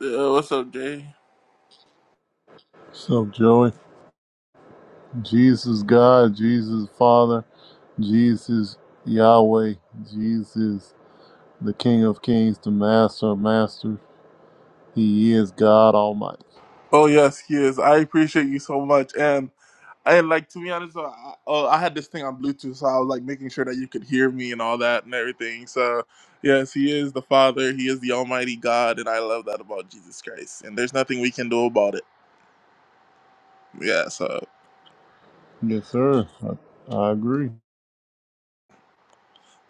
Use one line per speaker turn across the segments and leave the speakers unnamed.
Uh, what's up, Jay?
So, Joey, Jesus God, Jesus Father, Jesus Yahweh, Jesus the King of Kings, the Master of Masters. He is God Almighty.
Oh yes, he is. I appreciate you so much, and I like to be honest. uh, I, oh, I had this thing on Bluetooth, so I was like making sure that you could hear me and all that and everything. So yes, he is the Father. He is the Almighty God, and I love that about Jesus Christ. And there's nothing we can do about it. Yeah. So.
Yes, sir. I, I agree.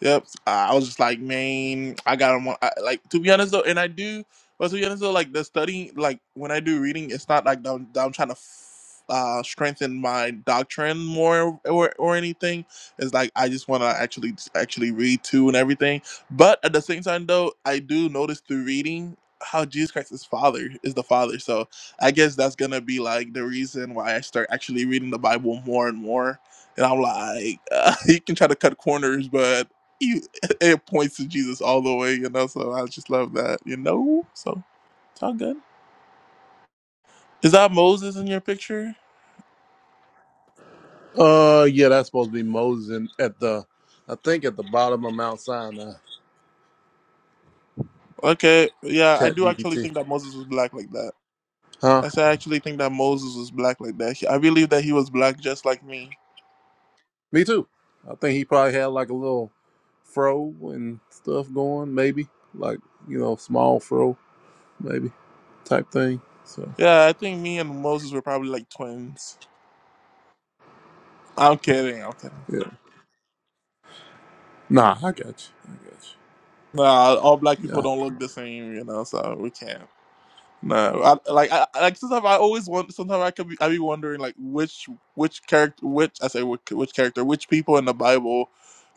Yep. I I was just like, man, I got on. I, like to be honest though, and I do. But to be honest though, like the studying, like when I do reading, it's not like that I'm, that I'm trying to f- uh, strengthen my doctrine more or or anything. It's like I just want to actually actually read too and everything. But at the same time though, I do notice through reading how Jesus Christ is Father is the Father. So I guess that's gonna be like the reason why I start actually reading the Bible more and more and I'm like, uh, you can try to cut corners, but you, it points to Jesus all the way, you know. So I just love that, you know. So it's all good. Is that Moses in your picture?
Uh, yeah, that's supposed to be Moses in, at the, I think at the bottom of Mount Sinai.
Okay, yeah, I
Chat
do actually
GPT.
think that Moses was black like that.
Huh?
I said I actually think that Moses was black like that. He- I believe that he was black just like me.
Me too. I think he probably had like a little fro and stuff going, maybe like you know, small fro, maybe type thing. So.
Yeah, I think me and Moses were probably like twins. I'm kidding. I'm kidding.
Yeah. Nah, I got you. I got
Nah, all black
you.
people
Yeah.
don't look the same, you know. So we can't. No, I, like I I- like sometimes I always want. Sometimes I could be I be wondering like which which character which I say which, which character which people in the Bible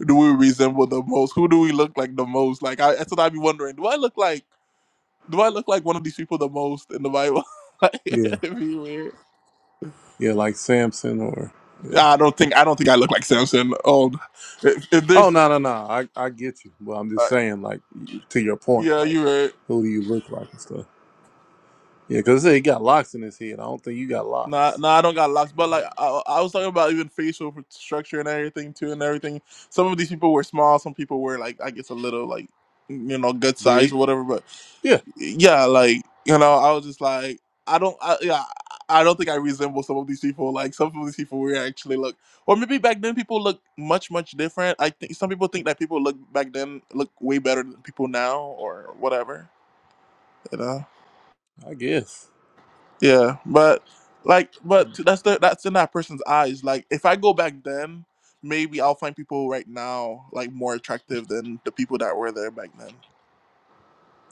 do we resemble the most? Who do we look like the most? Like I sometimes I be wondering, do I look like do I look like one of these people the most in the Bible? Like,
Yeah.
It'd be weird.
Yeah, like Samson or yeah.
I don't think I don't think I look like Samson. Um, if, if
Oh
there's
no no no. I, I get you. But I'm just
uh,
saying, like to your point,
yeah,
like
you right.
who do you look like and stuff? Yeah, because he got locks in his head. I don't think you got
Nah,
locks.
nah, I don't got locks, but like I, I was talking about even facial structure and everything too, and everything. Some of these people were small, some people were like I guess a little like mm, you know gut size
Big.
or whatever. But
Yeah,
yeah, like you know, I was just like I don't, I, yeah, I don't think I resemble some of these people. Like some of these people were actually look, or maybe back then people look much much different. I think some people think that people look back then look way better than people now or whatever. You know?
I guess.
Yeah, but like, but t- that's the that's in that person's eyes. Like, if I go back then, maybe I'll find people right now like more attractive than the people that were there back then.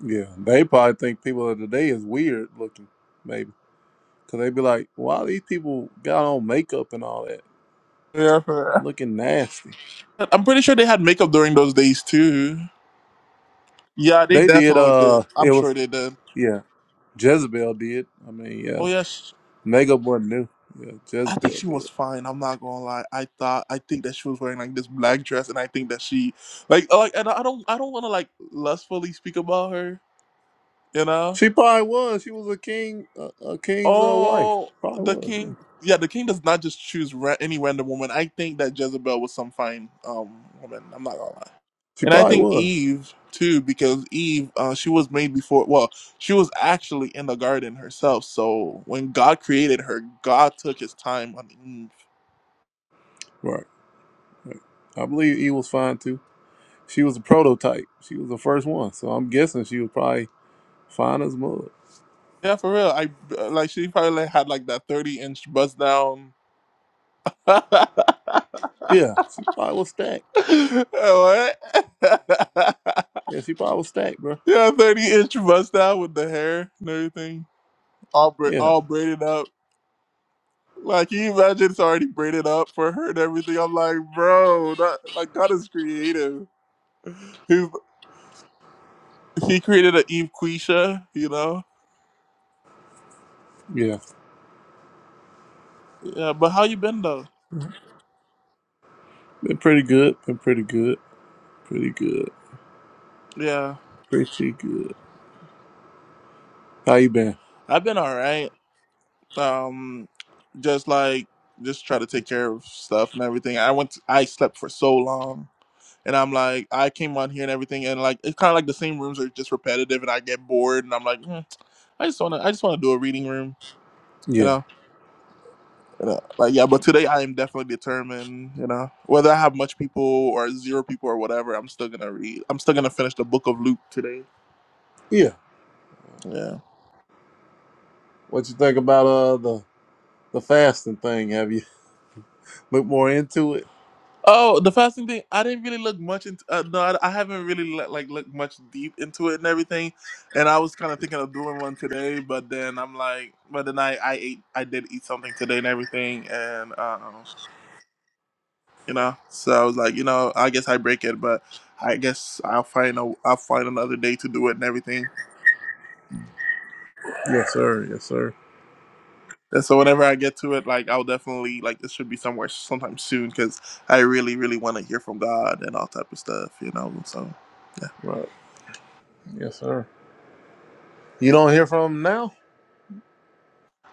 Yeah, they probably think people of today is weird looking, maybe, because they be like, "Why these people got on makeup and all that,
Yeah, for
looking nasty?"
real. I'm pretty sure they had makeup during those days too. Yeah, they
They did.
definitely did.
Uh,
I'm
it was
sure they did.
yeah. Jezebel did. I mean, yeah.
Oh yeah, sh
Megab wasn't new. Yeah,
I think
Jezebel
she
did.
was fine. I'm not gonna lie. I thought I think that she was wearing like this black dress, and I think that she like like and I don't I don't want to like lustfully speak about her, you know.
She probably was. She was a king, a, a king's uh, wife.
Oh,
Probably
the
was. Yeah.
king. Yeah, the king does not just choose ra- any random woman. I think that Jezebel was some fine um woman. I'm not gonna lie,
She
and I
probably
think
was.
Eve too, because Eve, uh, she was made before. Well, she was actually in the garden herself. So when God created her, God took His time on Eve.
Right. I believe E was fine too. She was a prototype. She was the first one, so I'm guessing she was probably fine as mud.
Yeah, for real. I uh, like she probably like, had like that 30 inch bust down. what?
Yeah, she probably was stacked. Yeah, she probably was stacked, bro.
yeah, 30 inch bust down with the hair and everything. all bra-
Yeah,
all braided up. Like, can you imagine it's already braided up for her and everything? I'm like, bro, that, like God is creative. He he created an Eve Quisha, you know?
yeah.
Yeah, but how you been though?
Been pretty good. Been pretty good. Pretty good.
Yeah,
Pretty good. How you been?
I've been all right. Um, just like just try to take care of stuff and everything. I went, to, I slept for so long, and I'm like, I came on here and everything, and like it's kind of like the same rooms are just repetitive, and I get bored, and I'm like, "Hmm, I just wanna, I just wanna do a reading room, you know?
Yeah,
You know, like yeah, but today I am definitely determined. You know, whether I have much people or zero people or whatever, I'm still gonna read. I'm still gonna finish the book of Luke today.
yeah.
Yeah.
What you think about uh the the fasting thing? Have you looked more into it?
Oh, the fasting thing. I didn't really look much into. Uh, no, I, I haven't really le- like looked much deep into it and everything. And I was kind of thinking of doing one today, but then I'm like, but then I I ate I did eat something today and everything, and um, you know, so I was like, you know, I guess I break it, but I guess I'll find a I'll find another day to do it and everything.
Yes, sir. Yes, sir.
And so whenever I get to it, like I'll definitely like this should be somewhere sometime soon because I really, really want to hear from God and all type of stuff, you know. So yeah,
Right. Yes, sir. You don't hear from him now?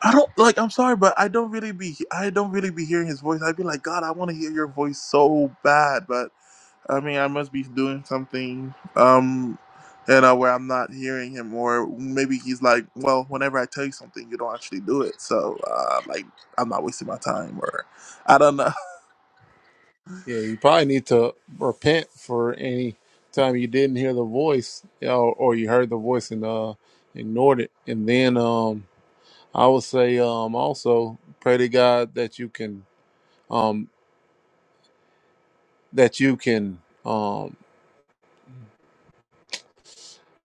I don't like. I'm sorry, but I don't really be. I don't really be hearing His voice. I'd be like, God, I want to hear Your voice so bad, but I mean, I must be doing something, um, you know, where I'm not hearing Him, or maybe He's like, well, whenever I tell you something, you don't actually do it. So uh, like, I'm not wasting my time, or I don't know.
Yeah, you probably need to repent for any time you didn't hear the voice you know, or you heard the voice and uh, ignored it. And then um, I would say um, also pray to God that you can um, that you can um,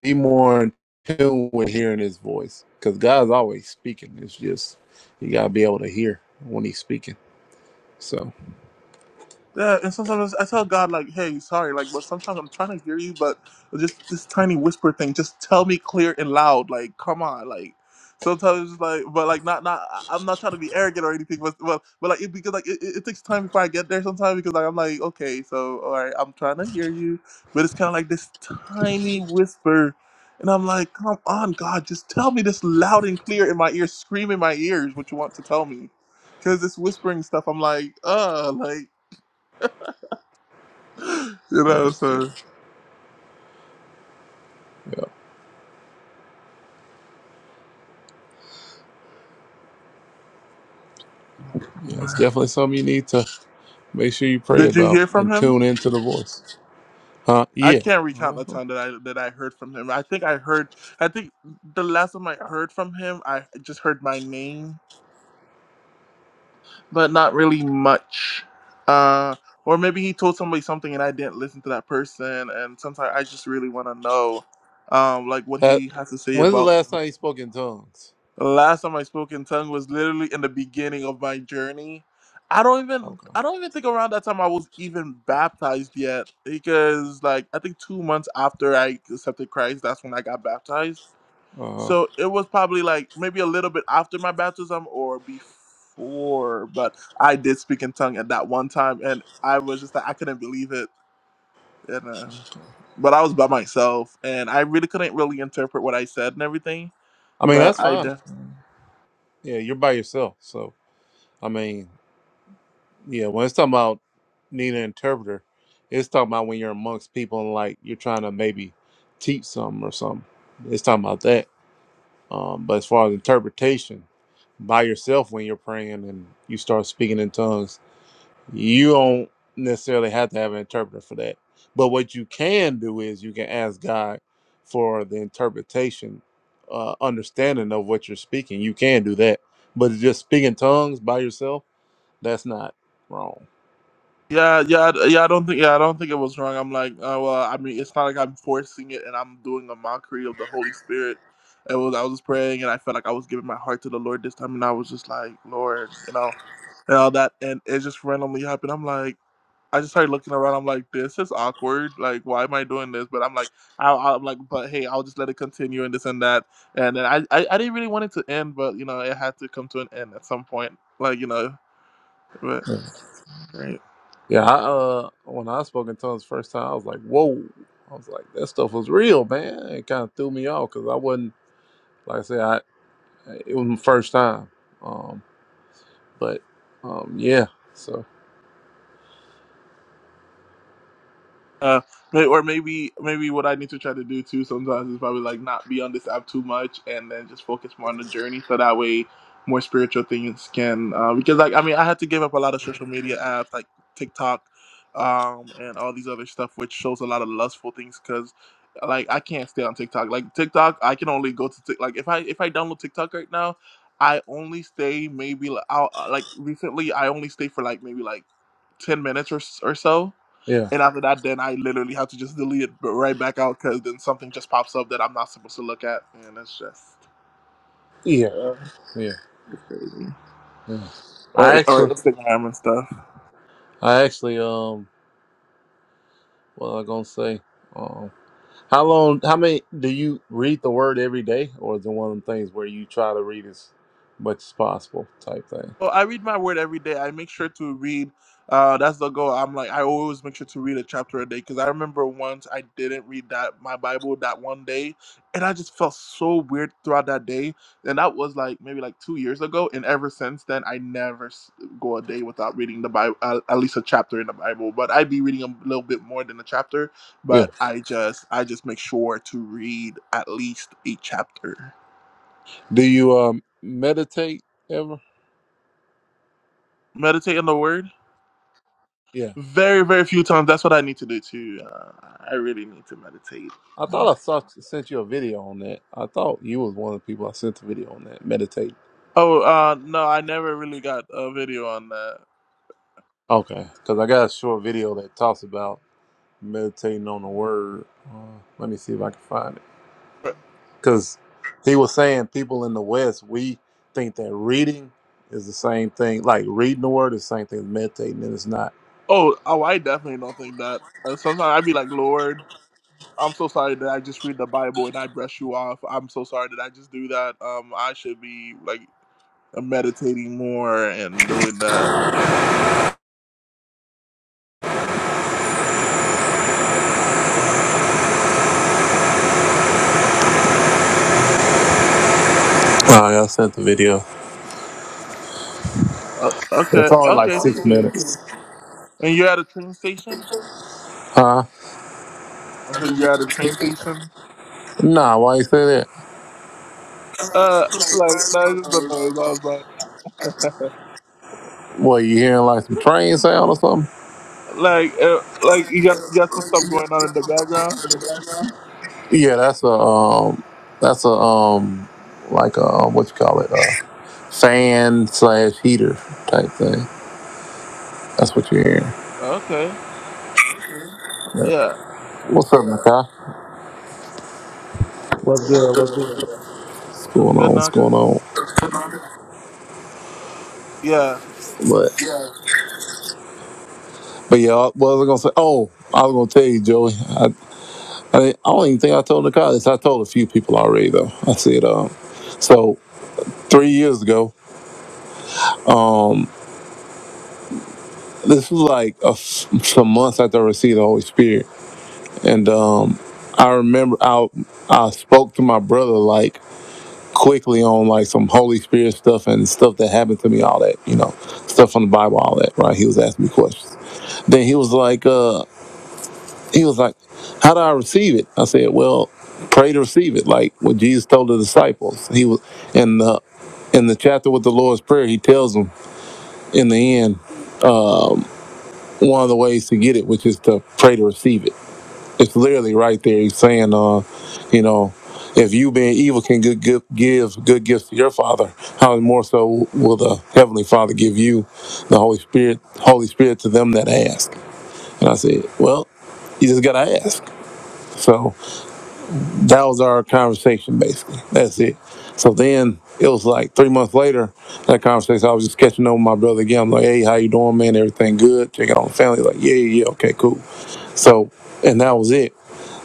be more in tune with hearing His voice because God's always speaking. It's just you gotta be able to hear when He's speaking. So
Yeah, and sometimes I tell God like, "Hey, sorry," like, but sometimes I'm trying to hear you, but just this tiny whisper thing. Just tell me clear and loud, like, come on, like. Sometimes it's like, but like, not not. I- I'm not trying to be arrogant or anything, but but, but like, it, because like, it, it it takes time before I get there. Sometimes because like, I'm like, okay, so all right, I'm trying to hear you, but it's kind of like this tiny whisper, and I'm like, come on, God, just tell me this loud and clear in my ear, scream in my ears what you want to tell me, because this whispering stuff, I'm like, uh, like you
yeah,
know, so
yeah, it's definitely something you need to Make sure you pray
did you
about
hear from
and
him?
tune into the voice. Huh?
I
Yeah.
can't recount the
Uh-huh.
time that I that I heard from him. I think I heard I think the last time I heard from him, I just heard my name, but not really much. Uh or maybe he told somebody something and I didn't listen to that person and sometimes I just really want to know um like what
That.
he has to say
When's the
about
last time you spoke in tongues?
Last time I spoke in tongue was literally in the beginning of my journey. I don't even
Okay.
I don't even think around that time I was even baptized yet because like I think 2 months after I accepted Christ that's when I got baptized.
Uh,
So it was probably like maybe a little bit after my baptism or before, but I did speak in tongue at that one time and I was just like I couldn't believe it and uh but I was by myself and I really couldn't really interpret what I said and everything.
I mean,
But
that's
I
fine.
did.
Yeah, you're by yourself. So, I mean, yeah, when it's talking about needing an interpreter, it's talking about when you're amongst people and like you're trying to maybe teach something or something. It's talking about that. Um, but as far as interpretation, by yourself when you're praying and you start speaking in tongues, You don't necessarily have to have an interpreter for that. But what you can do is you can ask God for the interpretation, uh, understanding of what you're speaking. You can do that. But just speaking tongues by yourself, that's not wrong.
Yeah, yeah, I- yeah. I don't think, yeah, I don't think it was wrong. I'm like, uh, well, I mean, it's not like I'm forcing it, and I'm doing a mockery of the Holy Spirit. It was, I was just praying, and I felt like I was giving my heart to the Lord this time, and I was just like, Lord, you know, and all that, and it just randomly happened. I'm like, I just started looking around. I'm like, this is awkward. Like, why am I doing this? But I'm like, I, I'm like, but hey, I'll just let it continue and this and that. And then I, I, I didn't really want it to end, but you know, it had to come to an end at some point. Like, you know, but right.
Yeah, I, uh, when I spoke in tongues the first time, I was like, "Whoa!" I was like, "That stuff was real, man." It kind of threw me off because I wasn't, like I said, I it was my first time. Um, but um, yeah, so
Uh, may- or maybe maybe what I need to try to do too sometimes is probably like not be on this app too much and then just focus more on the journey so that way more spiritual things can uh, because like I mean I had to give up a lot of social media apps like TikTok um, and all these other stuff which shows a lot of lustful things because like I can't stay on TikTok like TikTok I can only go to Tik like if I if I download TikTok right now I only stay maybe like, I'll, like recently I only stay for like maybe like ten minutes or s- or so
yeah,
and after that, then I literally have to just delete it but right back out because then something just pops up that I'm not supposed to look at, and it's just
yeah,
uh,
yeah.
it's crazy.
Yeah.
Or
I
or
actually,
Instagram and stuff.
I actually, um, what was I gonna say? Um, how long? How many do you read the word every day, or is it one of them things where you try to read as much as possible, type thing?
Well, I read my word every day. I make sure to read. Uh, that's the goal. I'm like I always make sure to read a chapter a day because I remember once I didn't read that my Bible that one day, and I just felt so weird throughout that day. And that was like maybe like two years ago, and ever since then I never s- go a day without reading the Bible, uh, at least a chapter in the Bible. But I'd be reading a little bit more than a chapter,
Yeah.
but I just I just make sure to read at least a chapter.
Do you um meditate ever?
Meditate on the Word.
Yeah.
Very, very few times. That's what I need to do too. Uh, I really need to meditate.
I
more.
thought I saw, sent you a video on that. I thought you was one of the people I sent the video on that meditate.
Oh, uh, no, I never really got a video on that.
Okay, because I got a short video that talks about meditating on the word. Uh, let me see if I can find it.
But-
because he was saying people in the West we think that reading is the same thing, like reading the word is the same thing as meditating, and it's not.
Oh, oh, I definitely don't think that. Uh, sometimes I'd be like, Lord, I'm so sorry that I just read the Bible and I brush you off. I'm so sorry that I just do that. Um, I should be like uh, meditating more and doing that. You know.
Oh, yeah, I sent the video.
Uh,
It's
okay,
only like
okay, thank
six
you.
minutes.
And you're at a train station.
Huh?
I said you're at a train station.
Nah, why you say that?
Uh, like that is the noise.
What you hearing like some train sound or something?
Like, uh, like you got you got some stuff going on in the background.
Yeah, that's a um, that's a um, like a um, what you call it, a fan slash heater type thing. That's what you're hearing.
Okay.
Yeah.
Yeah.
What's up, Makai?
What's good? What's good?
What's
That's
going on?
good,
What's going
Naka.
on?
Yeah.
But. But yeah, what was I gonna say? Oh, I was gonna tell you, Joey. I, I, didn't- I don't even think I told Nicole this. I told a few people already, though. I said, um, so three years ago, um, this was like a f some months after I received the Holy Spirit, and um, I remember I I spoke to my brother like quickly on like some Holy Spirit stuff and stuff that happened to me, all that you know, stuff from the Bible, all that. Right? He was asking me questions. Then he was like, uh, He was like, How do I receive it? I said, Well, pray to receive it, like what Jesus told the disciples. He was in the in the chapter with the Lord's Prayer, he tells them in the end, one of the ways to get it, which is to pray to receive it. It's literally right there. He's saying, uh, you know, if you being evil can good, good, give good gifts to your father, how much more so will the heavenly Father give you the Holy Spirit, Holy Spirit to them that ask? And I said, well, you just gotta ask. So that was our conversation basically. That's it. So then it was like three months later, that conversation, I was just catching up with my brother again. I'm like, hey, how you doing, man? Everything good? Checking on the family. Like, yeah, yeah, yeah, okay, cool. So, and that was it.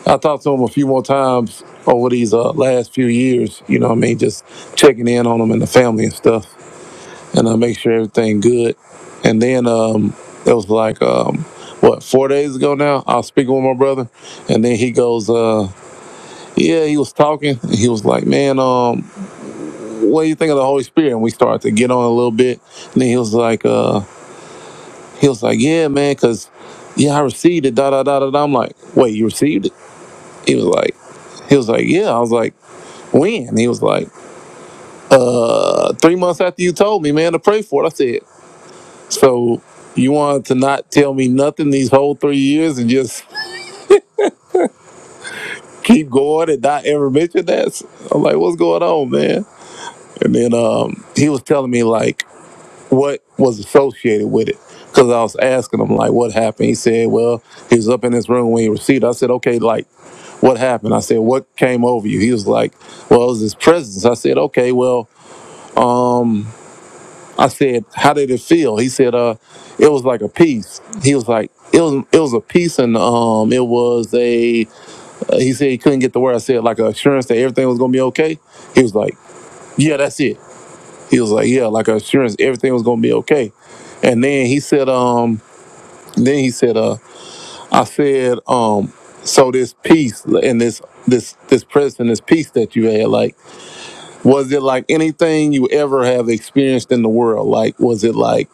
I talked to him a few more times over these uh, last few years, you know what I mean? Just checking in on him and the family and stuff and I uh, make sure everything good. And then um, it was like, um, what, four days ago now, I was speaking with my brother and then he goes, uh, yeah, he was talking. He was like, "Man, um, what do you think of the Holy Spirit?" And we started to get on a little bit. And then he was like, "Uh, he was like, yeah, man, cause yeah, I received it." Da da da da. da. I'm like, "Wait, you received it?" He was like, "He was like, yeah." I was like, "When?" he was like, "Uh, three months after you told me, man, to pray for it." I said, "So you wanted to not tell me nothing these whole three years and just keep going and not ever mention that?" I'm like, "What's going on, man?" And then um, he was telling me like what was associated with it. Because I was asking him, like, what happened? He said, well, he was up in his room when he received it. I said, okay, like, what happened? I said, what came over you? He was like, well, it was his presence. I said, okay, well, um, I said, how did it feel? He said, uh, it was like a peace. He was like, it was, it was a peace and um, it was a, uh, he said he couldn't get the word. I said, like, an assurance that everything was going to be okay. He was like, yeah, that's it. He was like, yeah, like, an assurance everything was going to be okay. And then he said, um, then he said, uh, I said, um, so this peace and this this this presence and this peace that you had, like, was it like anything you ever have experienced in the world? Like, was it like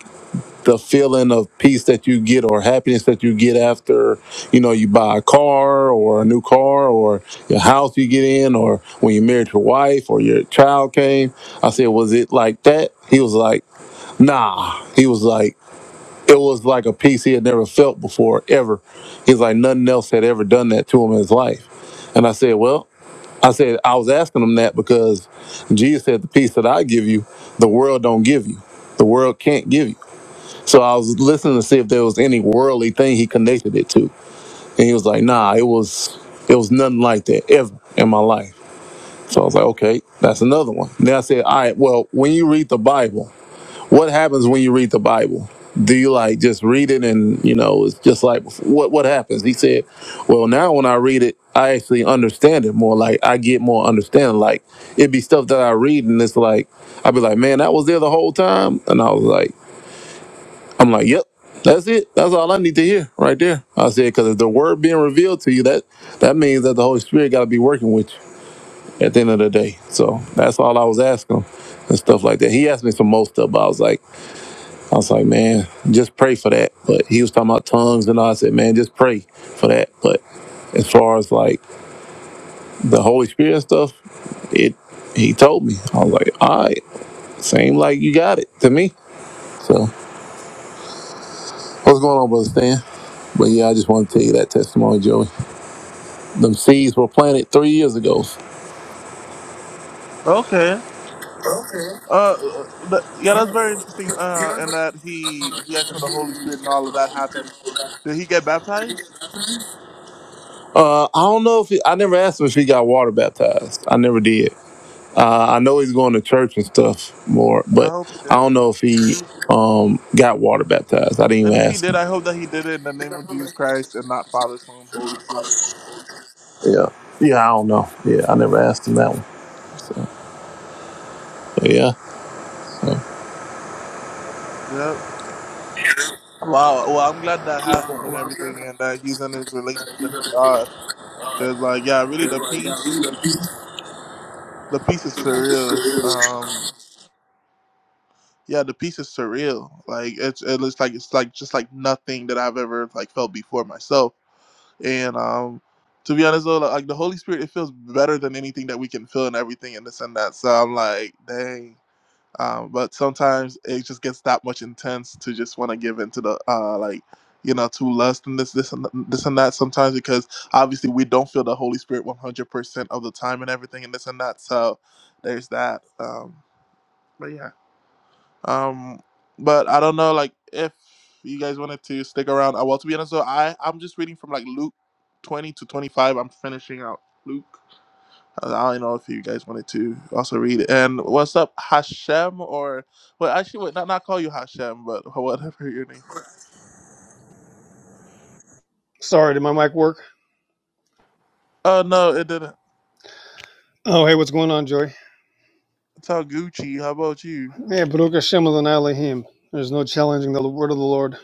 the feeling of peace that you get or happiness that you get after, you know, you buy a car or a new car or your house you get in or when you married your wife or your child came? I said, was it like that? He was like, nah. He was like, it was like a peace he had never felt before, ever. He's like, nothing else had ever done that to him in his life. And I said, well, I said, I was asking him that because Jesus said, the peace that I give you, the world don't give you. The world can't give you. So I was listening to see if there was any worldly thing he connected it to. And he was like, nah, it was, it was nothing like that ever in my life. So I was like, okay, that's another one. Then I said, all right, well, when you read the Bible, what happens when you read the Bible? Do you like just read it and you know it's just like what what happens? He said, "Well, now when I read it, I actually understand it more. Like I get more understanding. Like it'd be stuff that I read and it's like I'd be like, man, that was there the whole time." And I was like, "I'm like, yep, that's it. That's all I need to hear right there." I said, "Because if the word being revealed to you, that that means that the Holy Spirit got to be working with you at the end of the day." So that's all I was asking him and stuff like that. He asked me some most stuff. but I was like. I was like, man, just pray for that. But he was talking about tongues and all. I said, man, just pray for that. But as far as like the Holy Spirit stuff, it he told me. I was like, all right, same like you got it to me. So what's going on, brother Stan? But yeah, I just want to tell you that testimony, Joey. Them seeds were planted three years ago.
Okay. Uh, but, yeah, that's very interesting. Uh, and that he he asked for the Holy Spirit and all of that happened. Did he get baptized?
Uh, I don't know if he, I never asked him if he got water baptized. I never did. Uh, I know he's going to church and stuff more,
I
but
hope he
I
did.
don't know if he um, got water baptized. I didn't even
And if he
ask
did,
him.
I hope that he did it in the name of Jesus Christ and not Father, Son, Holy Spirit.
Yeah. Yeah, I don't know. Yeah, I never asked him that one. So, but
Yep. Wow. Well, I'm glad that happened and everything, and that he's in his relationship with God. Cause like, yeah, really, the peace, the peace is surreal. Um, Yeah, the piece is surreal. Like it's it looks like it's like just like nothing that I've ever like felt before myself. And um to be honest though, like the Holy Spirit it feels better than anything that we can feel and everything and this and that. So I'm like, dang. Um, but sometimes it just gets that much intense to just want to give into the uh like you know to lust and this this and th- this and that sometimes because obviously we don't feel the Holy Spirit 100% of the time and everything and this and that. So there's that. Um, but yeah. Um, but I don't know, like if you guys wanted to stick around. Uh, well, to be honest, though, I I'm just reading from like Luke twenty to twenty five. I'm finishing out Luke. Uh, I don't know if you guys wanted to also read. And what's up, Hashem? Or well, actually, wait, not not call you Hashem, but whatever your name.
Sorry, did my mic work?
Oh no, it didn't.
Oh, hey, what's going on, Joy?
It's all Gucci. How about you?
Yeah, Baruch Hashem Adonai Elohim. There's no challenging the word of the Lord.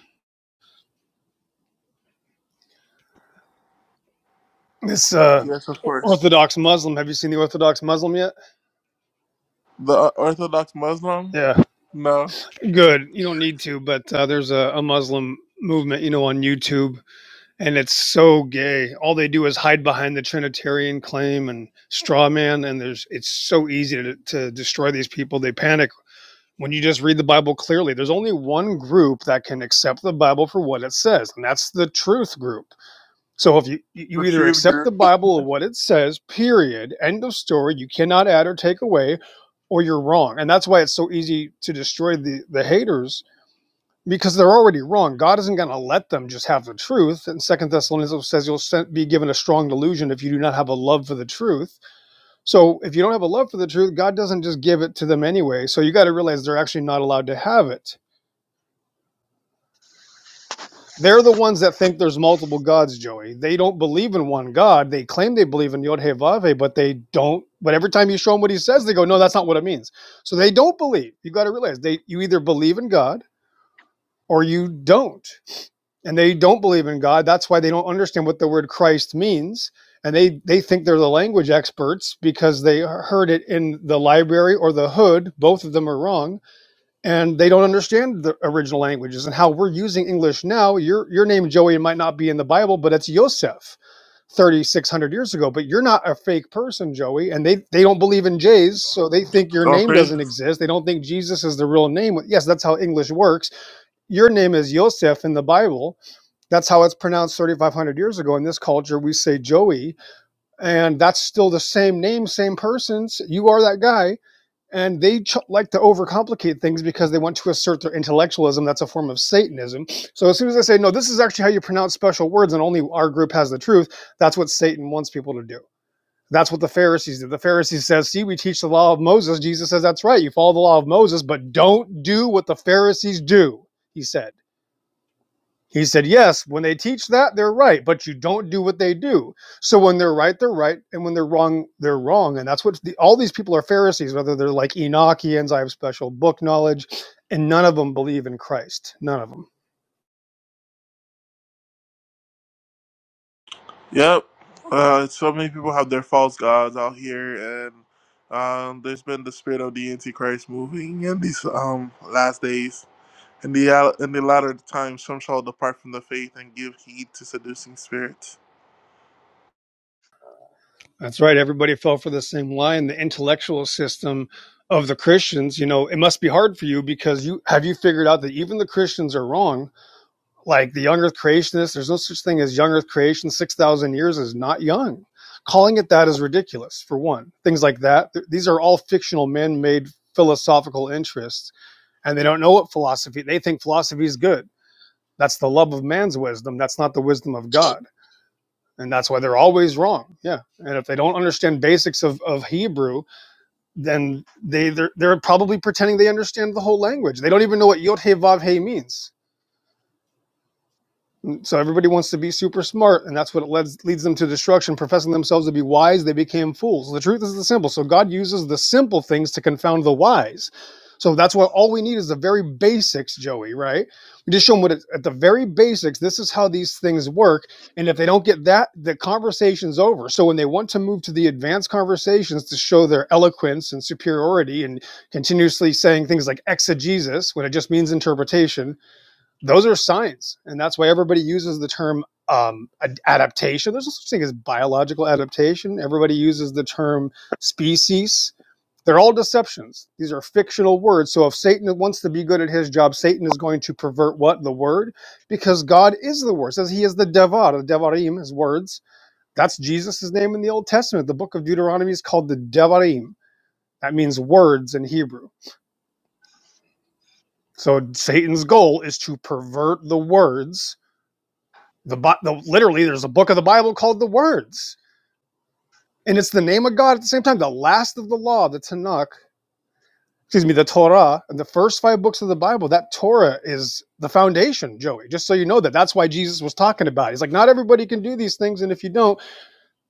This uh,
Yes, of course.
Orthodox Muslim, have you seen the Orthodox Muslim yet?
The uh, Orthodox Muslim?
Yeah,
No,
good. You don't need to, but uh, there's a, a Muslim movement, you know, on YouTube, and it's so gay. All they do is hide behind the Trinitarian claim and straw man, and there's it's so easy to, to destroy these people. They panic when you just read the Bible clearly. There's only one group that can accept the Bible for what it says, and that's the truth group So if you
the
you either
Truth
accept
Group.
the Bible or what it says, period, end of story, you cannot add or take away, or you're wrong. And that's why it's so easy to destroy the the haters because they're already wrong. God isn't going to let them just have the truth. And Second Thessalonians says you'll be given a strong delusion if you do not have a love for the truth. So if you don't have a love for the truth, God doesn't just give it to them anyway. So you got to realize they're actually not allowed to have it. They're the ones that think there's multiple gods, Joey. They don't believe in one God. They claim they believe in Yod He Vave, but they don't. But every time you show them what he says, they go, "No, that's not what it means." So they don't believe. You got to realize they you either believe in God or you don't, and they don't believe in God. That's why they don't understand what the word Christ means, and they they think they're the language experts because they heard it in the library or the hood. Both of them are wrong and they don't understand the original languages and how we're using English now. Your your name Joey might not be in the Bible, but it's Yosef thirty six hundred years ago. But you're not a fake person, Joey, and they they don't believe in J's, so they think your name
Okay.
doesn't exist. They don't think Jesus is the real name. Yes, that's how English works. Your name is Yosef in the Bible. That's how it's pronounced thirty five hundred years ago. In this culture, we say Joey, and that's still the same name, same persons. You are that guy and they ch- like to overcomplicate things because they want to assert their intellectualism. That's a form of Satanism. So as soon as I say, no, this is actually how you pronounce special words, and only our group has the truth, that's what Satan wants people to do. That's what the Pharisees did. The Pharisees says, see, we teach the law of Moses. Jesus says, that's right. You follow the law of Moses, but don't do what the Pharisees do, he said. He said, Yes, when they teach that, they're right, but you don't do what they do. So when they're right, they're right. And when they're wrong, they're wrong. And that's what the, all these people are Pharisees, whether they're like Enochians, I have special book knowledge, and none of them believe in Christ. None of them.
Yep. Uh, so many people have their false gods out here, and um, there's been the spirit of the Antichrist moving in these um, last days. In the al- in the latter times, some shall depart from the faith and give heed to seducing spirits.
That's right. Everybody fell for the same lie in the intellectual system of the Christians. You know, it must be hard for you because you have you figured out that even the Christians are wrong like the young earth creationists there's no such thing as young earth creation 6000 years is not young calling it that is ridiculous for one things like that th- these are all fictional man-made philosophical interests and they don't know what philosophy they think philosophy is good that's the love of man's wisdom that's not the wisdom of god and that's why they're always wrong yeah and if they don't understand basics of, of hebrew then they they're, they're probably pretending they understand the whole language they don't even know what yod hey vav hey means Um, so everybody wants to be super smart, and that's what it leads leads them to destruction. Professing themselves to be wise, they became fools. The truth is the simple. So God uses the simple things to confound the wise. So that's what all we need is the very basics, Joey. Right? We just show them what it, at the very basics. This is how these things work, and if they don't get that, the conversation's over. So when they want to move to the advanced conversations to show their eloquence and superiority, and continuously saying things like exegesis when it just means interpretation those are signs and that's why everybody uses the term um, adaptation there's no such thing as biological adaptation everybody uses the term species they're all deceptions these are fictional words so if satan wants to be good at his job satan is going to pervert what the word because god is the word It says he is the devar the devarim His words that's jesus' name in the old testament the book of deuteronomy is called the devarim that means words in hebrew so satan's goal is to pervert the words The, the literally there's a book of the Bible called the Words, and it's the name of God at the same time. The last of the law, the Tanakh, excuse me, the Torah, and the first five books of the Bible. That Torah is the foundation, Joey. Just so you know that that's why Jesus was talking about. It. He's like, not everybody can do these things, and if you don't,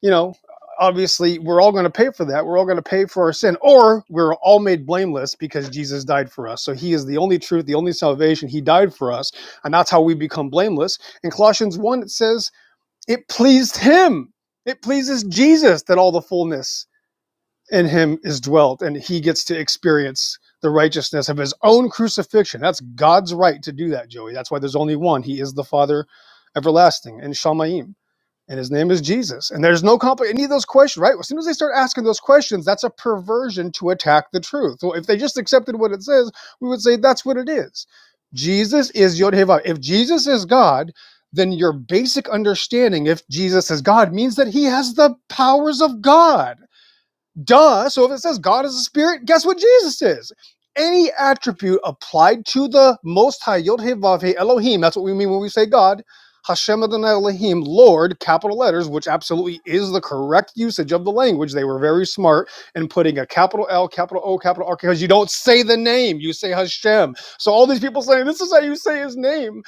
you know. Obviously, we're all going to pay for that. We're all going to pay for our sin, or we're all made blameless because Jesus died for us. So He is the only truth, the only salvation. He died for us, and that's how we become blameless. In Colossians 1, it says, it pleased him. It pleases Jesus that all the fullness in him is dwelt and he gets to experience the righteousness of his own crucifixion. That's God's right to do that, Joey. That's why there's only one. He is the Father everlasting and Shamayim and his name is Jesus. And there's no compli any of those questions, right? As soon as they start asking those questions, that's a perversion to attack the truth. So if they just accepted what it says, we would say that's what it is. Jesus is Yod Heh Vav. If Jesus is God, then your basic understanding, if Jesus is God, means that he has the powers of God Duh. So if it says God is a spirit, guess what Jesus is? Any attribute applied to the Most High, Yod Heh Vav Heh Elohim, that's what we mean when we say God, Hashem Adonai Elohim, Lord, capital letters, which absolutely is the correct usage of the language. They were very smart in putting a capital L, capital O, capital R, because you don't say the name, you say Hashem. So all these people saying, this is how you say his name.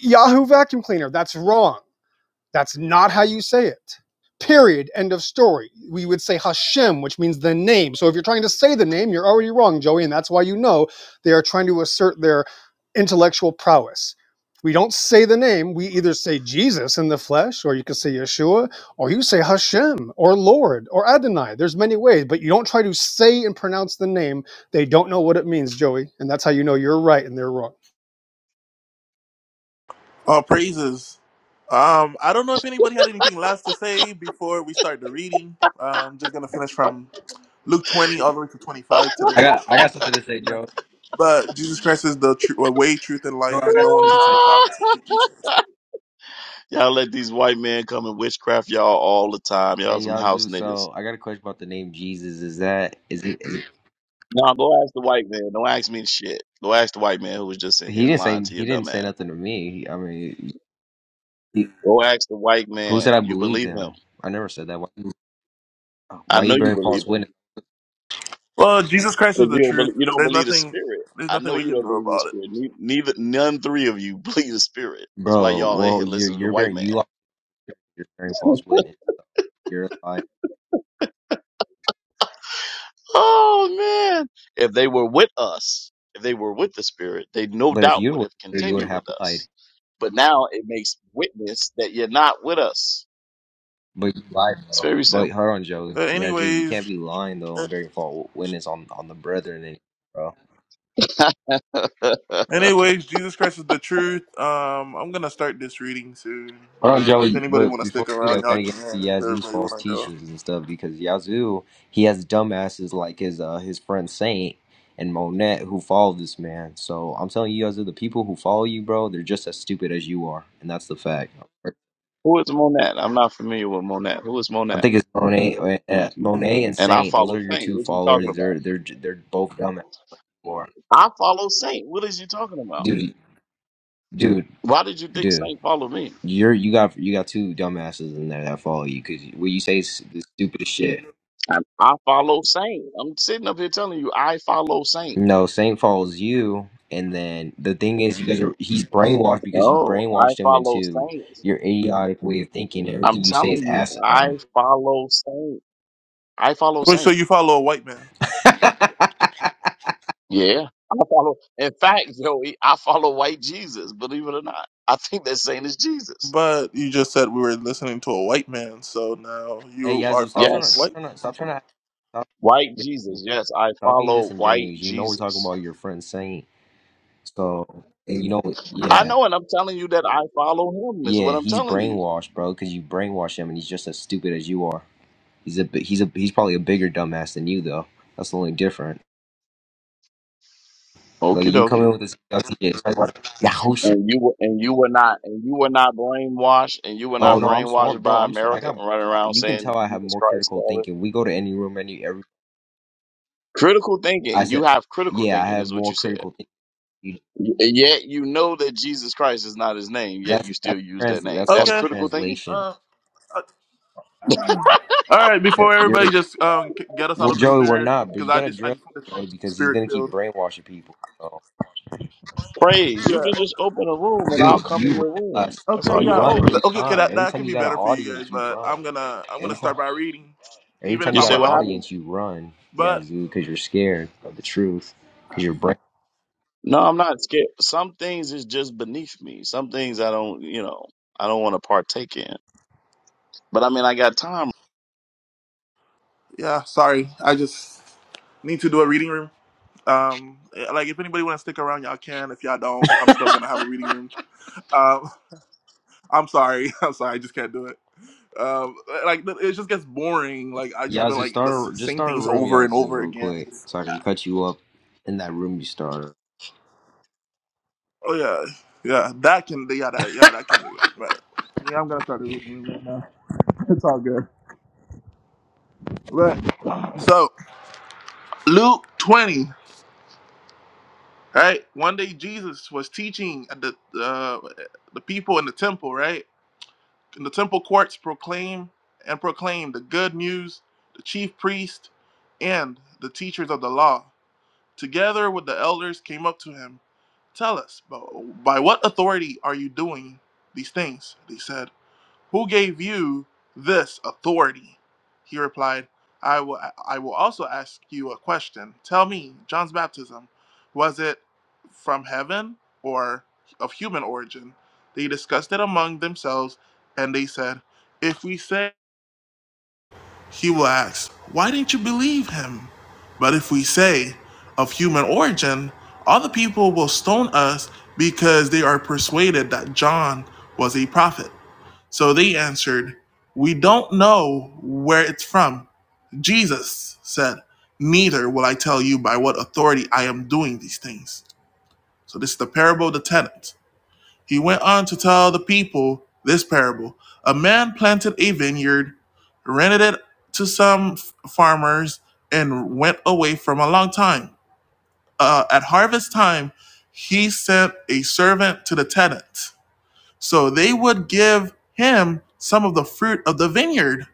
Yahoo vacuum cleaner, that's wrong. That's not how you say it. Period. End of story. We would say Hashem, which means the name. So if you're trying to say the name, you're already wrong, Joey, and that's why you know they are trying to assert their intellectual prowess. We don't say the name. We either say Jesus in the flesh, or you can say Yeshua, or you say Hashem, or Lord, or Adonai. There's many ways, but you don't try to say and pronounce the name. They don't know what it means, Joey, and that's how you know you're right and they're wrong.
All praises. Um, I don't know if anybody had anything last to say before we start the reading. I'm just gonna finish from Luke 20 all the way to 25
I
today.
got I got something to say, Joe.
But Jesus Christ is the tr- way, truth, and
Joe,
life,
I
and
got
no one
something to
comes to
say.
the Father except through Jesus.
Y'all,
Hey Yazoo,
listen.
so I got a question about the name Jesus. Is that is it? Is it
no, go ask the white man. Don't ask me shit. Go ask the white man who was just in
he
here
didn't
lying
say
to your
he didn't
dumb
say
ass.
nothing to me. He, I mean, he,
Go ask the white
who said
man.
I
You
believed
believe him.
him? I never said that. Why,
I
why
know
you
you
bearing
believe
false
him.
witness,
Well, Jesus Christ
'Cause
is the
you don't believe,
truth.
you don't
There's
believe the
nothing.
spirit.
There's
I know
nothing we
you
can
don't
do
believe the
about it.
spirit. Ne- Neither, none three of you believe the spirit. That's why
bro?
y'all in
Well,
here
you're
listening to the
you're
white
bearing
man.
you are you're bearing false witness. You're a liar.
Oh man. If they were with us, if they were with the spirit, they no
But if
doubt
you
would
were,
have
you would
continued with
have lied.
us. But now it makes witness that you're not with us.
But you lied,
It's
though.
very simple.
But hold on, Joe.
Uh,
Yazoo, you can't
anyways,
be lying though
uh,
and bearing false witness on on the brethren, eh, bro.
anyways, Jesus Christ is the truth. Um, I'm gonna start this reading soon.
Oh,
Uh, if
Joey,
anybody
but
wanna
before
stick
we do that,
around,
we
y'all
gotta get to
can. If
Yazoo's
everybody
false
wanna go.
teachings and stuff because Yazoo, he has dumbasses like his uh his friend Saint and Monet who follow this man. So I'm telling you, Yazoo, the people who follow you, bro, they're just as stupid as you are, and that's the fact. I
Who is Monat? I'm not familiar with Monat. Who is Monat?
think it's Monet, uh, Monet and
And I
Saint. Those
follow
are your
Saint.
two
What you talking
followers.
about?
They're they're they're both dumbasses. Or
I follow Saint. What is you talking about?
Dude, dude,
Why did you think
dude.
Saint followed me?
You're you got you got two dumbasses in there that follow you because what you say is the stupidest shit.
I, I follow Saint. I'm sitting up here telling you I follow Saint.
No, Saint follows you, and then the thing is, you guys are he's brainwashed because you
No, I
brainwashed him
follow
into
Saint.
your idiotic way of thinking.
I'm
Everything you say is
telling you I
asinine.
follow Saint. I follow
Wait, so
Saint.
you follow a white man?
Yeah. I follow. In fact, Joey, I follow white Jesus, believe it or not. I think that Saint is Jesus.
But you just said we were listening to a white man, so now
hey
you are
Yazoo, stop
following
trying
a
to stop
Yes.
white man.
trying to stop trying to stop,
White
Yazoo,
Jesus. Yes, I
stop being
follow white
disingenuous. You know we're talking
Jesus.
about your friend Saint, so and you know what-
I
yeah
know, and I'm telling you that I follow him is
yeah
what I'm
he's
telling you.
brainwashed, bro, because you brainwashed him, and he's just as stupid as you are. He's a bi- he's a he's probably a bigger dumbass than you though. That's the only difference. Like
Okie
you come
dokie.
in with this gutsy shit. It's like, Yahusha.
And you were and you were not and you were not brainwashed and you were
Oh
not
Oh no, no. I'm
brainwashed
smart, bro.
by
I'm. Smart. I
America
got.
and running
I-
around
You can
saying
tell I have
Jesus
more
Christ and
critical
all this.
thinking. We go to any room, any every.
Critical
I
thinking. You
said,
have critical
yeah, I
thinking
have
is what
more
you said.
critical thinking. You-
Y- Yet you know that Jesus Christ is not his name, yet you
That's
still
that's
use that
trans.
name.
That's
That's
called
Okay.
a
critical thinking.
translation.
Uh, uh, all right.
Yeah,
Before
You're
everybody just um c- get us out
well,
of the
Joey. We're
spirit,
not, but
because
you
I
gotta
just I
dress
just want this room
Joey
to be
because he's
spirit
gonna keep
filled.
brainwashing people. So,
Praise. You can just open a room and I'll
dude,
come in
you ran
your room.
last.
That's
Okay,
all
You
you
yeah.
have
run
to
Oh,
do.
every
okay. Okay,
time.
that
Every
that
time
can
you
be
got an
better for you guys,
audience, you
but
run.
I'm gonna I'm gonna
Every time.
start by reading,
Every
even
time
if
you
You
I'm
got
say
an
what happened?
alone.
audience, you run. Yeah,
But
Zoo, because you're scared of the truth. Because you're brainwashed.
No, I'm not scared. Some things is just beneath me. Some things I don't, you know, I don't want to partake in. But I mean, I got time
yeah, sorry. I just need to do a reading room. Um, eh, like if anybody want to stick around, y'all can. If y'all don't, I'm still gonna have a reading room. Um, I'm sorry. I'm sorry. I just can't do it. Um, eh, like it just gets boring. Like I just been
Yazoo,
like the s-
start a, just
same
start a
things
room,
over and
Yazoo,
over
real
again.
quick, so I can cut you up in that room you started.
Oh yeah, yeah. That can yeah that yeah that can do it. But yeah, I'm gonna start a reading room right now. It's all good. So Luke twenty, right? One day Jesus was teaching at the uh, the people in the temple, right? In the temple courts, proclaim and proclaim the good news. The chief priest and the teachers of the law, together with the elders, came up to him. Tell us, by by what authority are you doing these things? They said. Who gave you this authority? He replied, I will, I will also ask you a question. Tell me, John's baptism, was it from heaven or of human origin? They discussed it among themselves, and they said, If we say, he will ask, Why didn't you believe him? But if we say, Of human origin, all the people will stone us because they are persuaded that John was a prophet. So they answered, We don't know where it's from. Jesus said, Neither will I tell you by what authority I am doing these things. So this is the parable of the tenant. He went on to tell the people this parable A man planted a vineyard, rented it to some farmers, and went away for a long time. Uh, at harvest time, he sent a servant to the tenant so they would give him some of the fruit of the vineyard.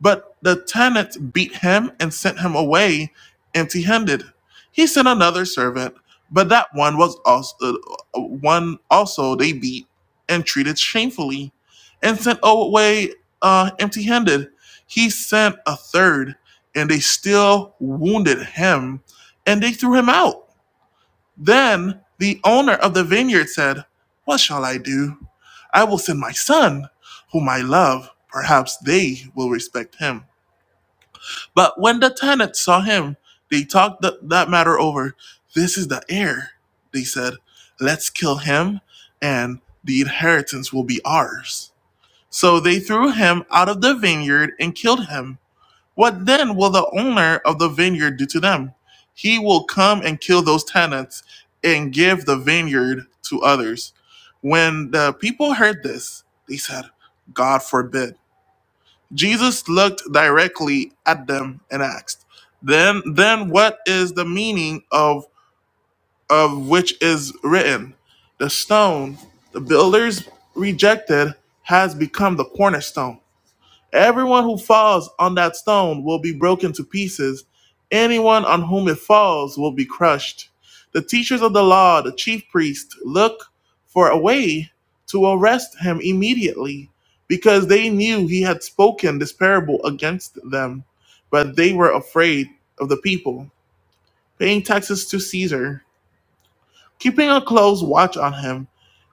But the tenant beat him and sent him away empty handed. He sent another servant, but that one was also uh, one also they beat and treated shamefully and sent away uh, empty handed. He sent a third, and they still wounded him and they threw him out. Then the owner of the vineyard said, What shall I do? I will send my son, whom I love. Perhaps they will respect him. But when the tenants saw him, they talked th- that matter over. This is the heir, they said. Let's kill him, and the inheritance will be ours. So they threw him out of the vineyard and killed him. What then will the owner of the vineyard do to them? He will come and kill those tenants and give the vineyard to others. When the people heard this, they said, God forbid. Jesus looked directly at them and asked, Then then what is the meaning of of which is written? The stone the builders rejected has become the cornerstone. Everyone who falls on that stone will be broken to pieces. Anyone on whom it falls will be crushed. The teachers of the law, the chief priests, look for a way to arrest him immediately because they knew he had spoken this parable against them, but they were afraid of the people. Paying taxes to Caesar Keeping a close watch on him,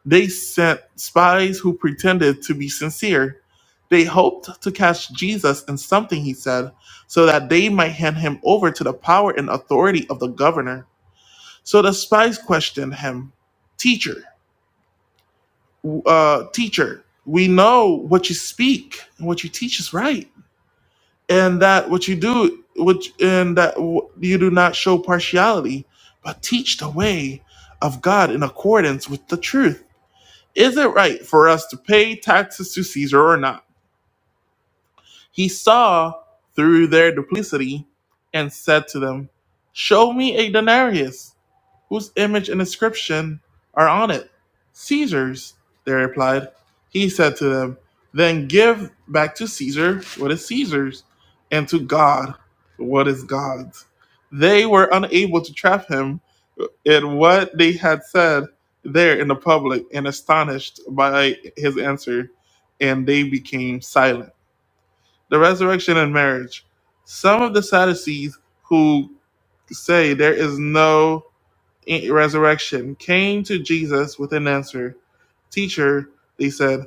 they sent spies who pretended to be sincere. They hoped to catch Jesus in something he said, so that they might hand him over to the power and authority of the governor. So the spies questioned him, "Teacher, uh, teacher, we know what you speak and what you teach is right, and that what you do, which and that w- you do not show partiality, but teach the way of God in accordance with the truth." Is it right for us to pay taxes to Caesar or not? He saw through their duplicity and said to them, Show me a denarius. Whose image and inscription are on it? Caesar's, they replied. He said to them, Then give back to Caesar what is Caesar's, and to God what is God's. They were unable to trap him in what they had said there in the public and astonished by his answer, and they became silent. The resurrection and marriage. Some of the Sadducees who say there is no resurrection came to Jesus with an answer. Teacher, they said,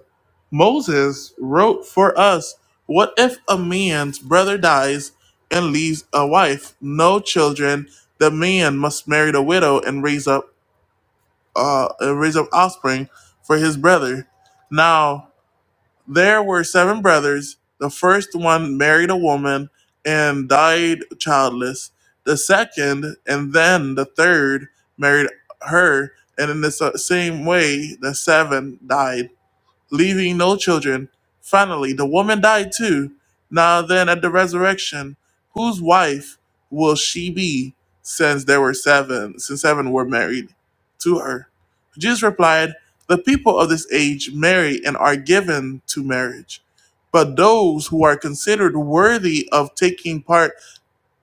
Moses wrote for us, What if a man's brother dies and leaves a wife, no children? The man must marry the widow and raise up, uh, and raise up offspring for his brother. Now there were seven brothers. The first one married a woman and died childless. The second, and then the third, married her, and in the s- same way, the seven died leaving no children. Finally, the woman died too. Now then, at the resurrection, whose wife will she be, since there were seven, since seven were married to her? Jesus replied, The people of this age marry and are given to marriage, but those who are considered worthy of taking part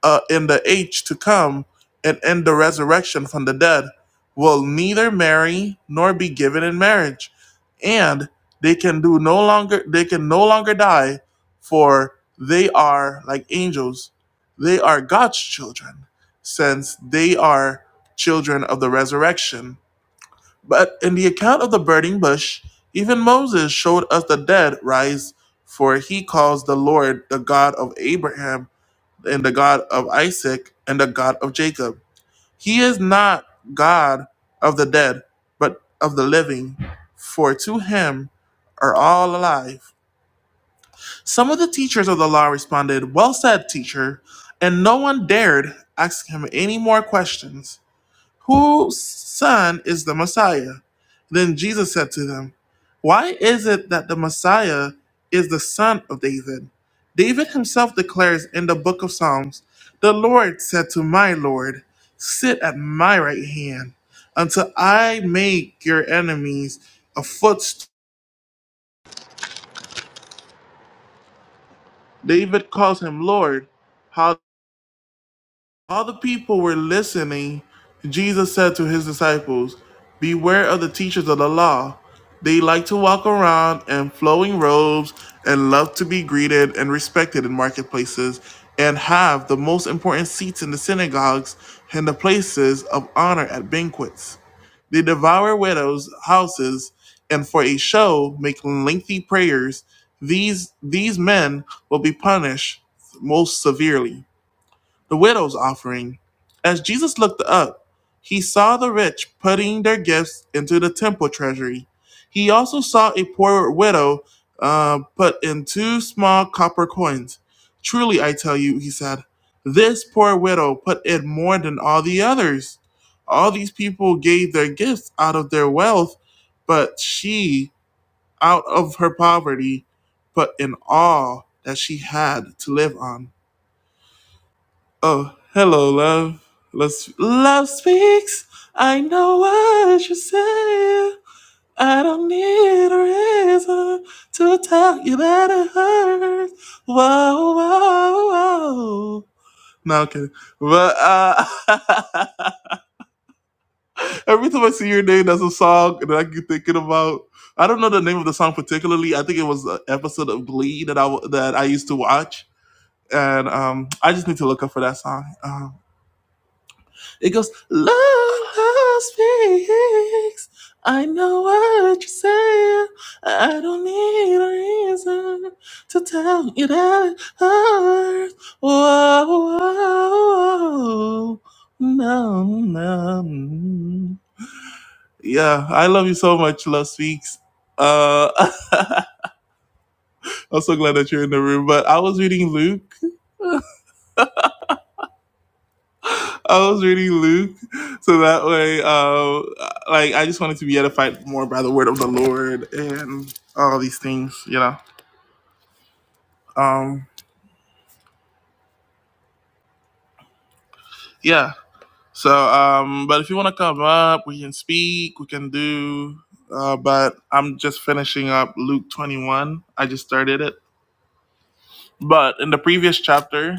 uh, in the age to come and in the resurrection from the dead will neither marry nor be given in marriage and they can do no longer they can no longer die for they are like angels they are god's children since they are children of the resurrection but in the account of the burning bush even moses showed us the dead rise for he calls the lord the god of abraham and the God of Isaac and the God of Jacob. He is not God of the dead, but of the living, for to him are all alive. Some of the teachers of the law responded, Well said, teacher, and no one dared ask him any more questions whose son is the Messiah? Then Jesus said to them, Why is it that the Messiah is the son of David? David himself declares in the book of Psalms, The Lord said to my Lord, Sit at my right hand until I make your enemies a footstool. David calls him Lord. While the people were listening, Jesus said to his disciples, Beware of the teachers of the law. They like to walk around in flowing robes and love to be greeted and respected in marketplaces and have the most important seats in the synagogues and the places of honor at banquets. They devour widows' houses and for a show make lengthy prayers. These these men will be punished most severely the widow's offering. As Jesus looked up, he saw the rich putting their gifts into the temple treasury. He also saw a poor widow uh, put in two small copper coins. Truly, I tell you, he said, this poor widow put in more than all the others. All these people gave their gifts out of their wealth, but she, out of her poverty, put in all that she had to live on Oh, hello, love. Let's, love speaks. I know what you say. I don't need a reason to tell you that it hurts. Whoa, whoa, whoa. No, I'm kidding. But uh, every time I see your name, that's a song that I keep thinking about. I don't know the name of the song particularly. I think it was an episode of Glee that I that I used to watch, and um, I just need to look up for that song. Um, It goes, Love speaks. I know what you're saying. I don't need a reason to tell you that it hurts. Whoa, whoa, whoa. No, no. Yeah, I love you so much, Love Speaks. Uh, I'm so glad that you're in the room. But I was reading Luke I was reading Luke, so that way, um, like I just wanted to be edified more by the word of the Lord and all these things, you know. Um, yeah. So, um, but if you want to come up, we can speak, we can do. Uh, but I'm just finishing up Luke 21. I just started it, but in the previous chapter,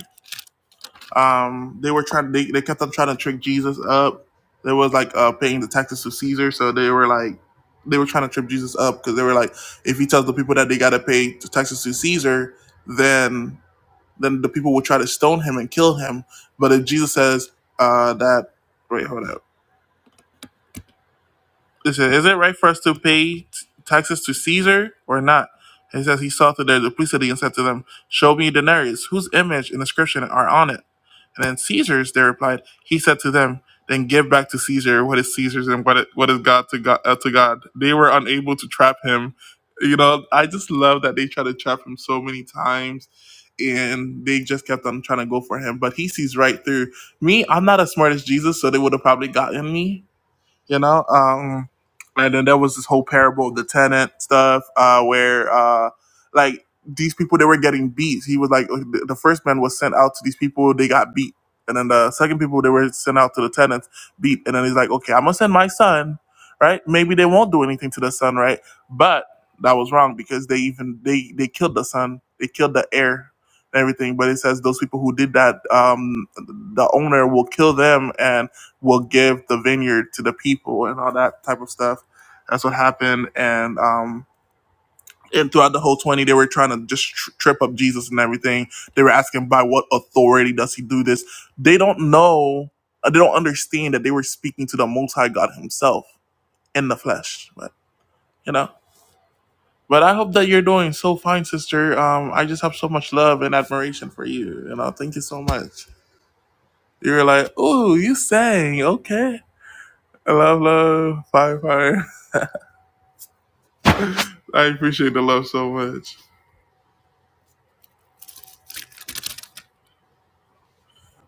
Um, they were trying. They, they kept on trying to trick Jesus up. There was like uh, paying the taxes to Caesar, so they were like, they were trying to trip Jesus up because they were like, if he tells the people that they got to pay the taxes to Caesar, then then the people will try to stone him and kill him. But if Jesus says uh, that, wait, hold up, it says, is it right for us to pay t- taxes to Caesar or not? He says he saw through their duplicity and said to them, "Show me denarius. Whose image and inscription are on it?" And then Caesar's, they replied, he said to them, then give back to Caesar what is Caesar's and what is, what is God to God, uh, to God. They were unable to trap him. You know, I just love that they tried to trap him so many times and they just kept on trying to go for him. But he sees right through me. I'm not as smart as Jesus, so they would have probably gotten me you know um and then there was this whole parable of the tenant stuff uh where uh like these people they were getting beat he was like the the first man was sent out to these people they got beat and then the second people they were sent out to the tenants beat and then he's like okay i'm gonna send my son right maybe they won't do anything to the son right but that was wrong because they even they they killed the son they killed the heir and everything but it says those people who did that um the owner will kill them and will give the vineyard to the people and all that type of stuff. That's what happened. And um, and throughout the whole 20, they were trying to just tr- trip up Jesus and everything. They were asking, by what authority does he do this? They don't know, uh, they don't understand that they were speaking to the multi God himself in the flesh. But, you know. But I hope that you're doing so fine, sister. Um, I just have so much love and admiration for you. You know, thank you so much. You were like, ooh, you sang. Okay. I love, love, fire, fire. I appreciate the love so much.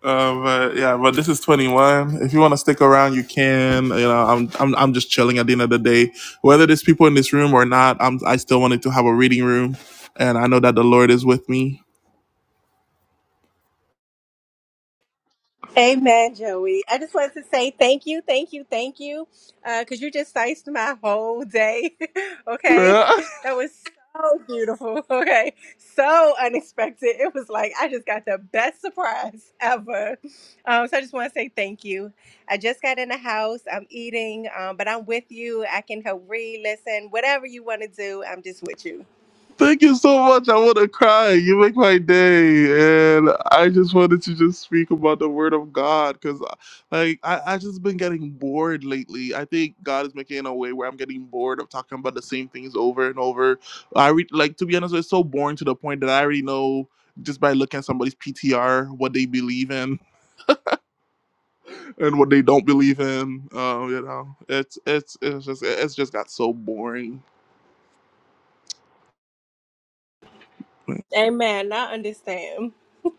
Uh, but yeah, but this is 21. If you want to stick around, you can. You know, I'm, I'm I'm just chilling at the end of the day. Whether there's people in this room or not, I'm I still wanted to have a reading room, and I know that the Lord is with me.
Amen, Joey. I just wanted to say thank you, thank you, thank you, because you just diced my whole day. okay, that was so beautiful. Okay, so unexpected. It was like I just got the best surprise ever. Um, so I just want to say thank you. I just got in the house. I'm eating, um, but I'm with you. I can help read, listen, whatever you want to do. I'm just with you.
Thank you so much. I want to cry. You make my day, and I just wanted to just speak about the Word of God because, like, I I just been getting bored lately. I think God is making it a way where I'm getting bored of talking about the same things over and over. I re- like to be honest, it's so boring to the point that I already know just by looking at somebody's PTR what they believe in and what they don't believe in. Um, you know, it's it's it's just it's just got so boring.
Amen. I understand.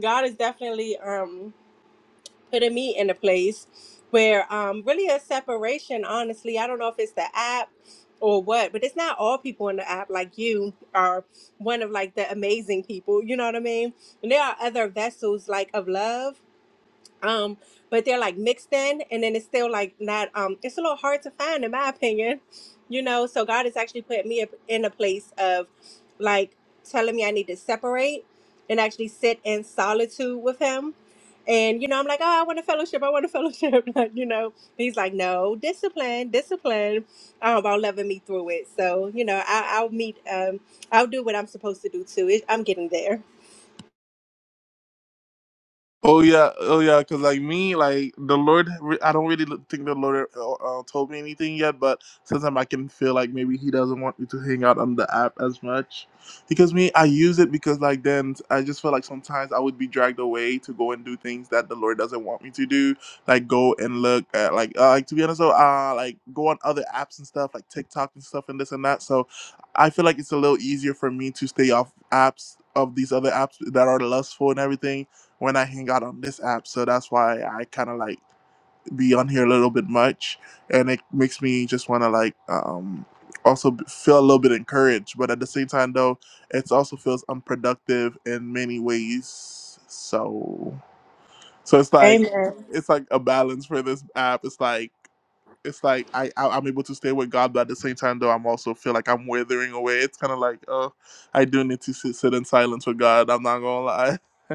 God is definitely. Um, putting me in a place where um really a separation honestly i don't know if it's the app or what but it's not all people in the app like you are one of like the amazing people you know what i mean and there are other vessels like of love um but they're like mixed in and then it's still like not um it's a little hard to find in my opinion you know so god has actually put me up in a place of like telling me i need to separate and actually sit in solitude with him and you know i'm like oh i want a fellowship i want a fellowship like, you know And he's like no discipline discipline um, about loving me through it so you know I, i'll meet um i'll do what i'm supposed to do too it, i'm getting there
Oh yeah, oh yeah. Cause like me, like the Lord, re- I don't really look- think the Lord uh, uh, told me anything yet. But sometimes I can feel like maybe He doesn't want me to hang out on the app as much, because me, I use it because like then I just feel like sometimes I would be dragged away to go and do things that the Lord doesn't want me to do, like go and look at like uh, like to be honest, So uh, like go on other apps and stuff like TikTok and stuff and this and that. So I feel like it's a little easier for me to stay off apps of these other apps that are lustful and everything when I hang out on this app. So that's why I kind of like be on here a little bit much, and it makes me just want to like um, also b- feel a little bit encouraged. But at the same time, though, it also feels unproductive in many ways. So so it's like
amen
it's like a balance for this app. It's like it's like I, I I'm able to stay with God, but at the same time though, I'm also feel like I'm withering away. It's kind of like oh, I do need to sit, sit in silence with God. I'm not gonna lie.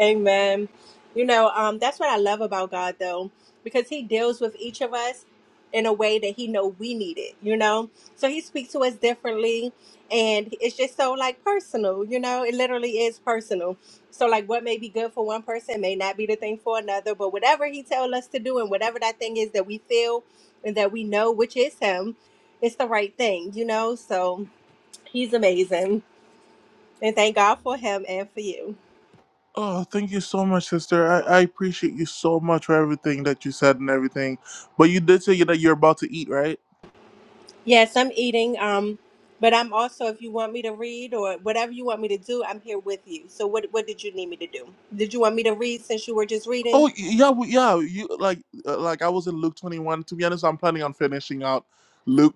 Amen. You know, um, that's what I love about God, though, because He deals with each of us in a way that He know we need it. You know, so He speaks to us differently, and it's just so like personal. You know, it literally is personal. So like, what may be good for one person may not be the thing for another. But whatever He tells us to do, and whatever that thing is that we feel and that we know, which is Him, it's the right thing. You know, so He's amazing, and thank God for Him and for you.
Oh, thank you so much, sister. I, I appreciate you so much for everything that you said and everything. But you did say that you're about to eat, right?
Yes, I'm eating. Um, but I'm also, if you want me to read or whatever you want me to do, I'm here with you. So, what what did you need me to do? Did you want me to read since you were just reading?
Oh y- yeah, we- yeah. You like uh, like I was in Luke 21. To be honest, I'm planning on finishing out Luke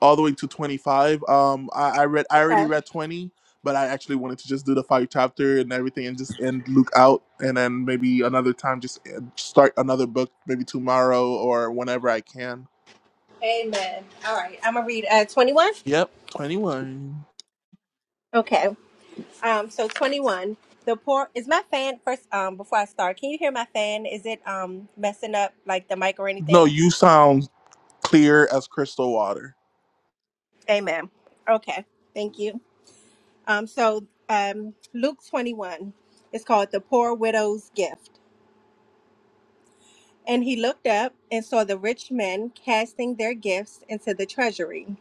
all the way to 25. Um, I, I read I already
Okay.
read 20, but I actually wanted to just do the five chapter and everything and just end Luke out, and then maybe another time just end- start another book maybe tomorrow or whenever I can.
Amen. All right, I'm gonna read uh 21.
Yep, 21.
Okay. Um, so 21. The poor is my fan first. Um, before I start, can you hear my fan? Is it um messing up like the mic or
No,
anything?
you sound Clear as crystal water.
Amen. Okay. Thank you. Um, so um, Luke 21 is called the poor widow's gift. And he looked up and saw the rich men casting their gifts into the treasury.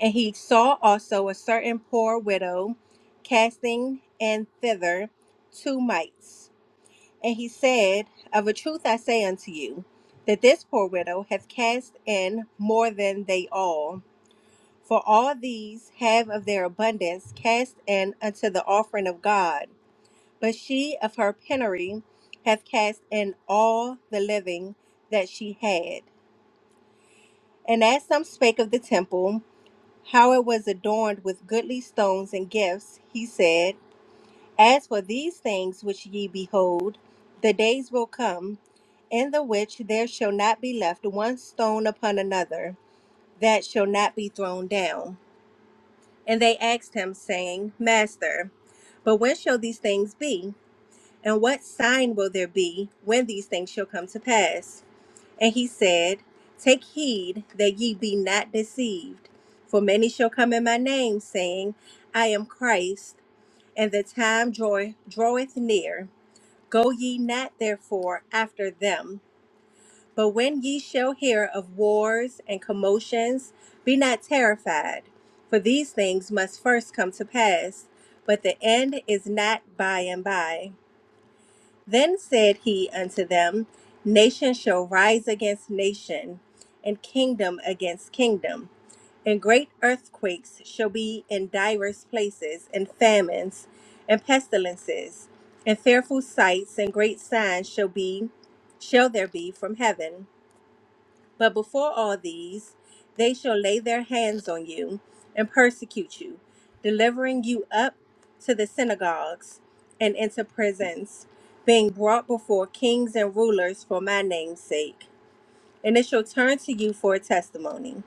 And he saw also a certain poor widow casting in thither two mites. And he said, Of a truth I say unto you, that this poor widow hath cast in more than they all. For all these have of their abundance cast in unto the offering of God. But she of her penury hath cast in all the living that she had And as some spake of the temple, how it was adorned with goodly stones and gifts, he said, As for these things which ye behold, the days will come, in the which there shall not be left one stone upon another, that shall not be thrown down. And they asked him, saying, Master, but when shall these things be? And what sign will there be when these things shall come to pass? And he said, Take heed that ye be not deceived, for many shall come in my name, saying, I am Christ, and the time draw- draweth near. Go ye not therefore after them. But when ye shall hear of wars and commotions, be not terrified, for these things must first come to pass, but the end is not by and by. Then said he unto them, Nation shall rise against nation, and kingdom against kingdom. And great earthquakes shall be in divers places, and famines, and pestilences, and fearful sights, and great signs shall be, shall there be from heaven. But before all these, they shall lay their hands on you and persecute you, delivering you up to the synagogues and into prisons, being brought before kings and rulers for my name's sake. And it shall turn to you for a testimony.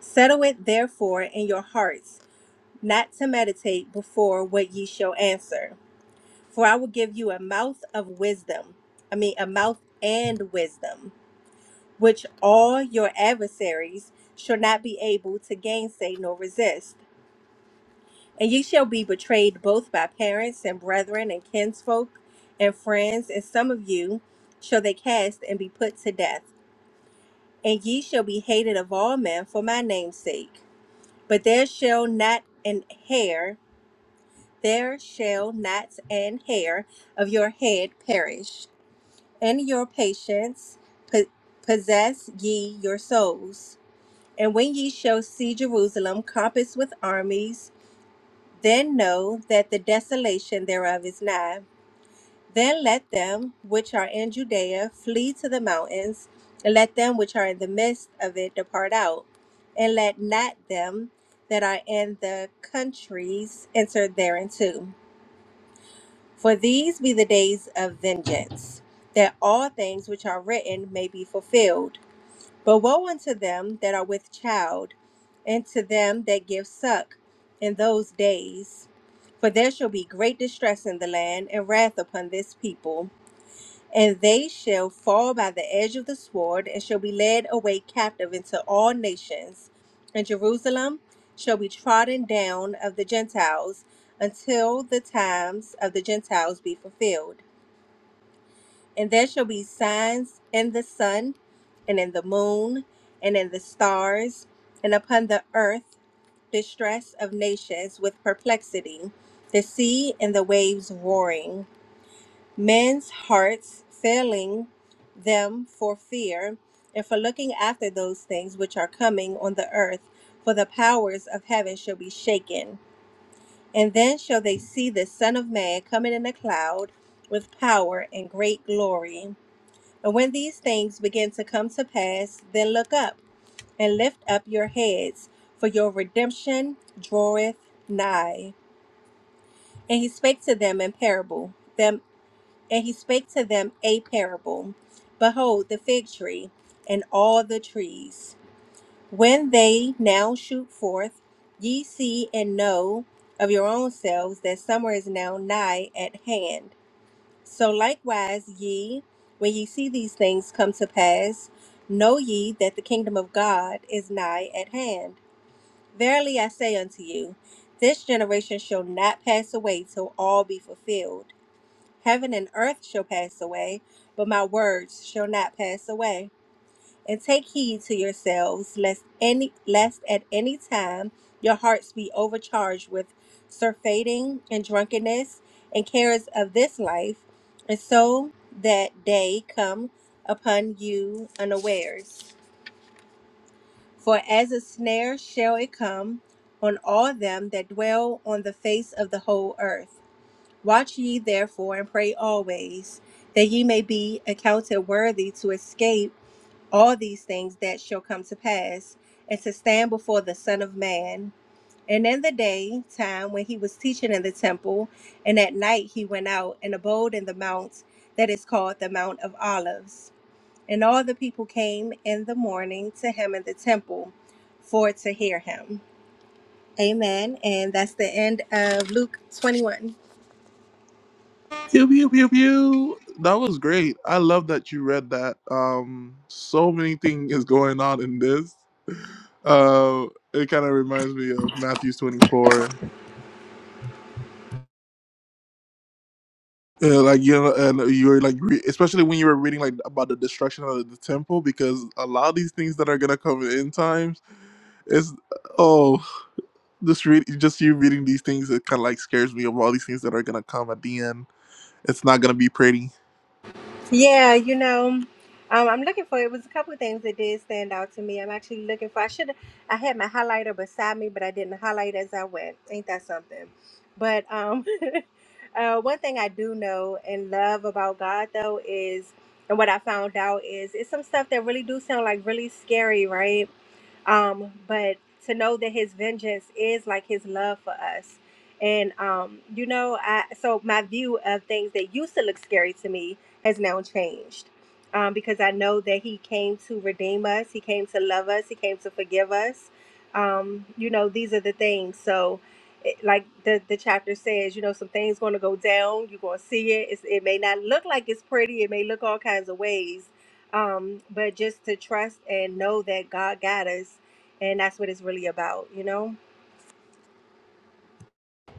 Settle it therefore in your hearts, not to meditate before what ye shall answer. For I will give you a mouth of wisdom, I mean, a mouth and wisdom which all your adversaries shall not be able to gainsay nor resist. And ye shall be betrayed both by parents and brethren and kinsfolk and friends, and some of you shall they cast and be put to death. And ye shall be hated of all men for my name's sake. But there shall not an hair, there shall not an hair of your head perish. In your patience po- possess ye your souls. And when ye shall see Jerusalem compassed with armies, then know that the desolation thereof is nigh. Then let them which are in Judea flee to the mountains, and let them which are in the midst of it depart out. And let not them that are in the countries enter thereinto. For these be the days of vengeance, that all things which are written may be fulfilled. But woe unto them that are with child, and to them that give suck in those days. For there shall be great distress in the land, and wrath upon this people. And they shall fall by the edge of the sword, and shall be led away captive into all nations. And Jerusalem shall be trodden down of the Gentiles, until the times of the Gentiles be fulfilled. And there shall be signs in the sun, and in the moon, and in the stars, and upon the earth distress of nations with perplexity, the sea and the waves roaring, men's hearts failing them for fear and for looking after those things which are coming on the earth, for the powers of heaven shall be shaken. And then shall they see the Son of Man coming in a cloud with power and great glory. And when these things begin to come to pass, then look up and lift up your heads, for your redemption draweth nigh. And he spake to them in parable. Them and he spake to them a parable. Behold, the fig tree and all the trees. When they now shoot forth, ye see and know of your own selves that summer is now nigh at hand. So likewise, ye, when ye see these things come to pass, know ye that the kingdom of God is nigh at hand. Verily I say unto you, this generation shall not pass away till all be fulfilled. Heaven and earth shall pass away, but my words shall not pass away and take heed to yourselves lest any lest at any time your hearts be overcharged with surfeiting and drunkenness and cares of this life and so that day come upon you unawares for as a snare shall it come on all them that dwell on the face of the whole earth watch ye therefore and pray always that ye may be accounted worthy to escape all these things that shall come to pass, and to stand before the Son of Man. And in the day time when he was teaching in the temple, and at night he went out and abode in the mount that is called the Mount of Olives. And all the people came in the morning to him in the temple for to hear him. Amen. And that's the end of Luke 21.
Pew pew pew pew. That was great. I love that you read that. Um, so many things is going on in this. Uh, it kind of reminds me of Matthew's twenty four. Yeah, like you know, and you were like, re- especially when you were reading like about the destruction of the temple, because a lot of these things that are gonna come in end times, is oh, just read, just you reading these things, it kind of like scares me of all these things that are gonna come at the end. It's not gonna be pretty
Yeah, you know, um, I'm looking for it. was a couple of things that did stand out to me. I'm actually looking for. I should. I had my highlighter beside me, but I didn't highlight as I went. Ain't that something? But um, uh, one thing I do know and love about God though is, and what I found out is, it's some stuff that really do sound like really scary, right? um but to know that his vengeance is like his love for us and um you know i so my view of things that used to look scary to me has now changed um, because I know that He came to redeem us, He came to love us, He came to forgive us. Um, you know, these are the things. So, it, like the, the chapter says, you know, some things going to go down. You're going to see it. It's, it may not look like it's pretty, it may look all kinds of ways. Um, but just to trust and know that God got us. And that's what it's really about, you know?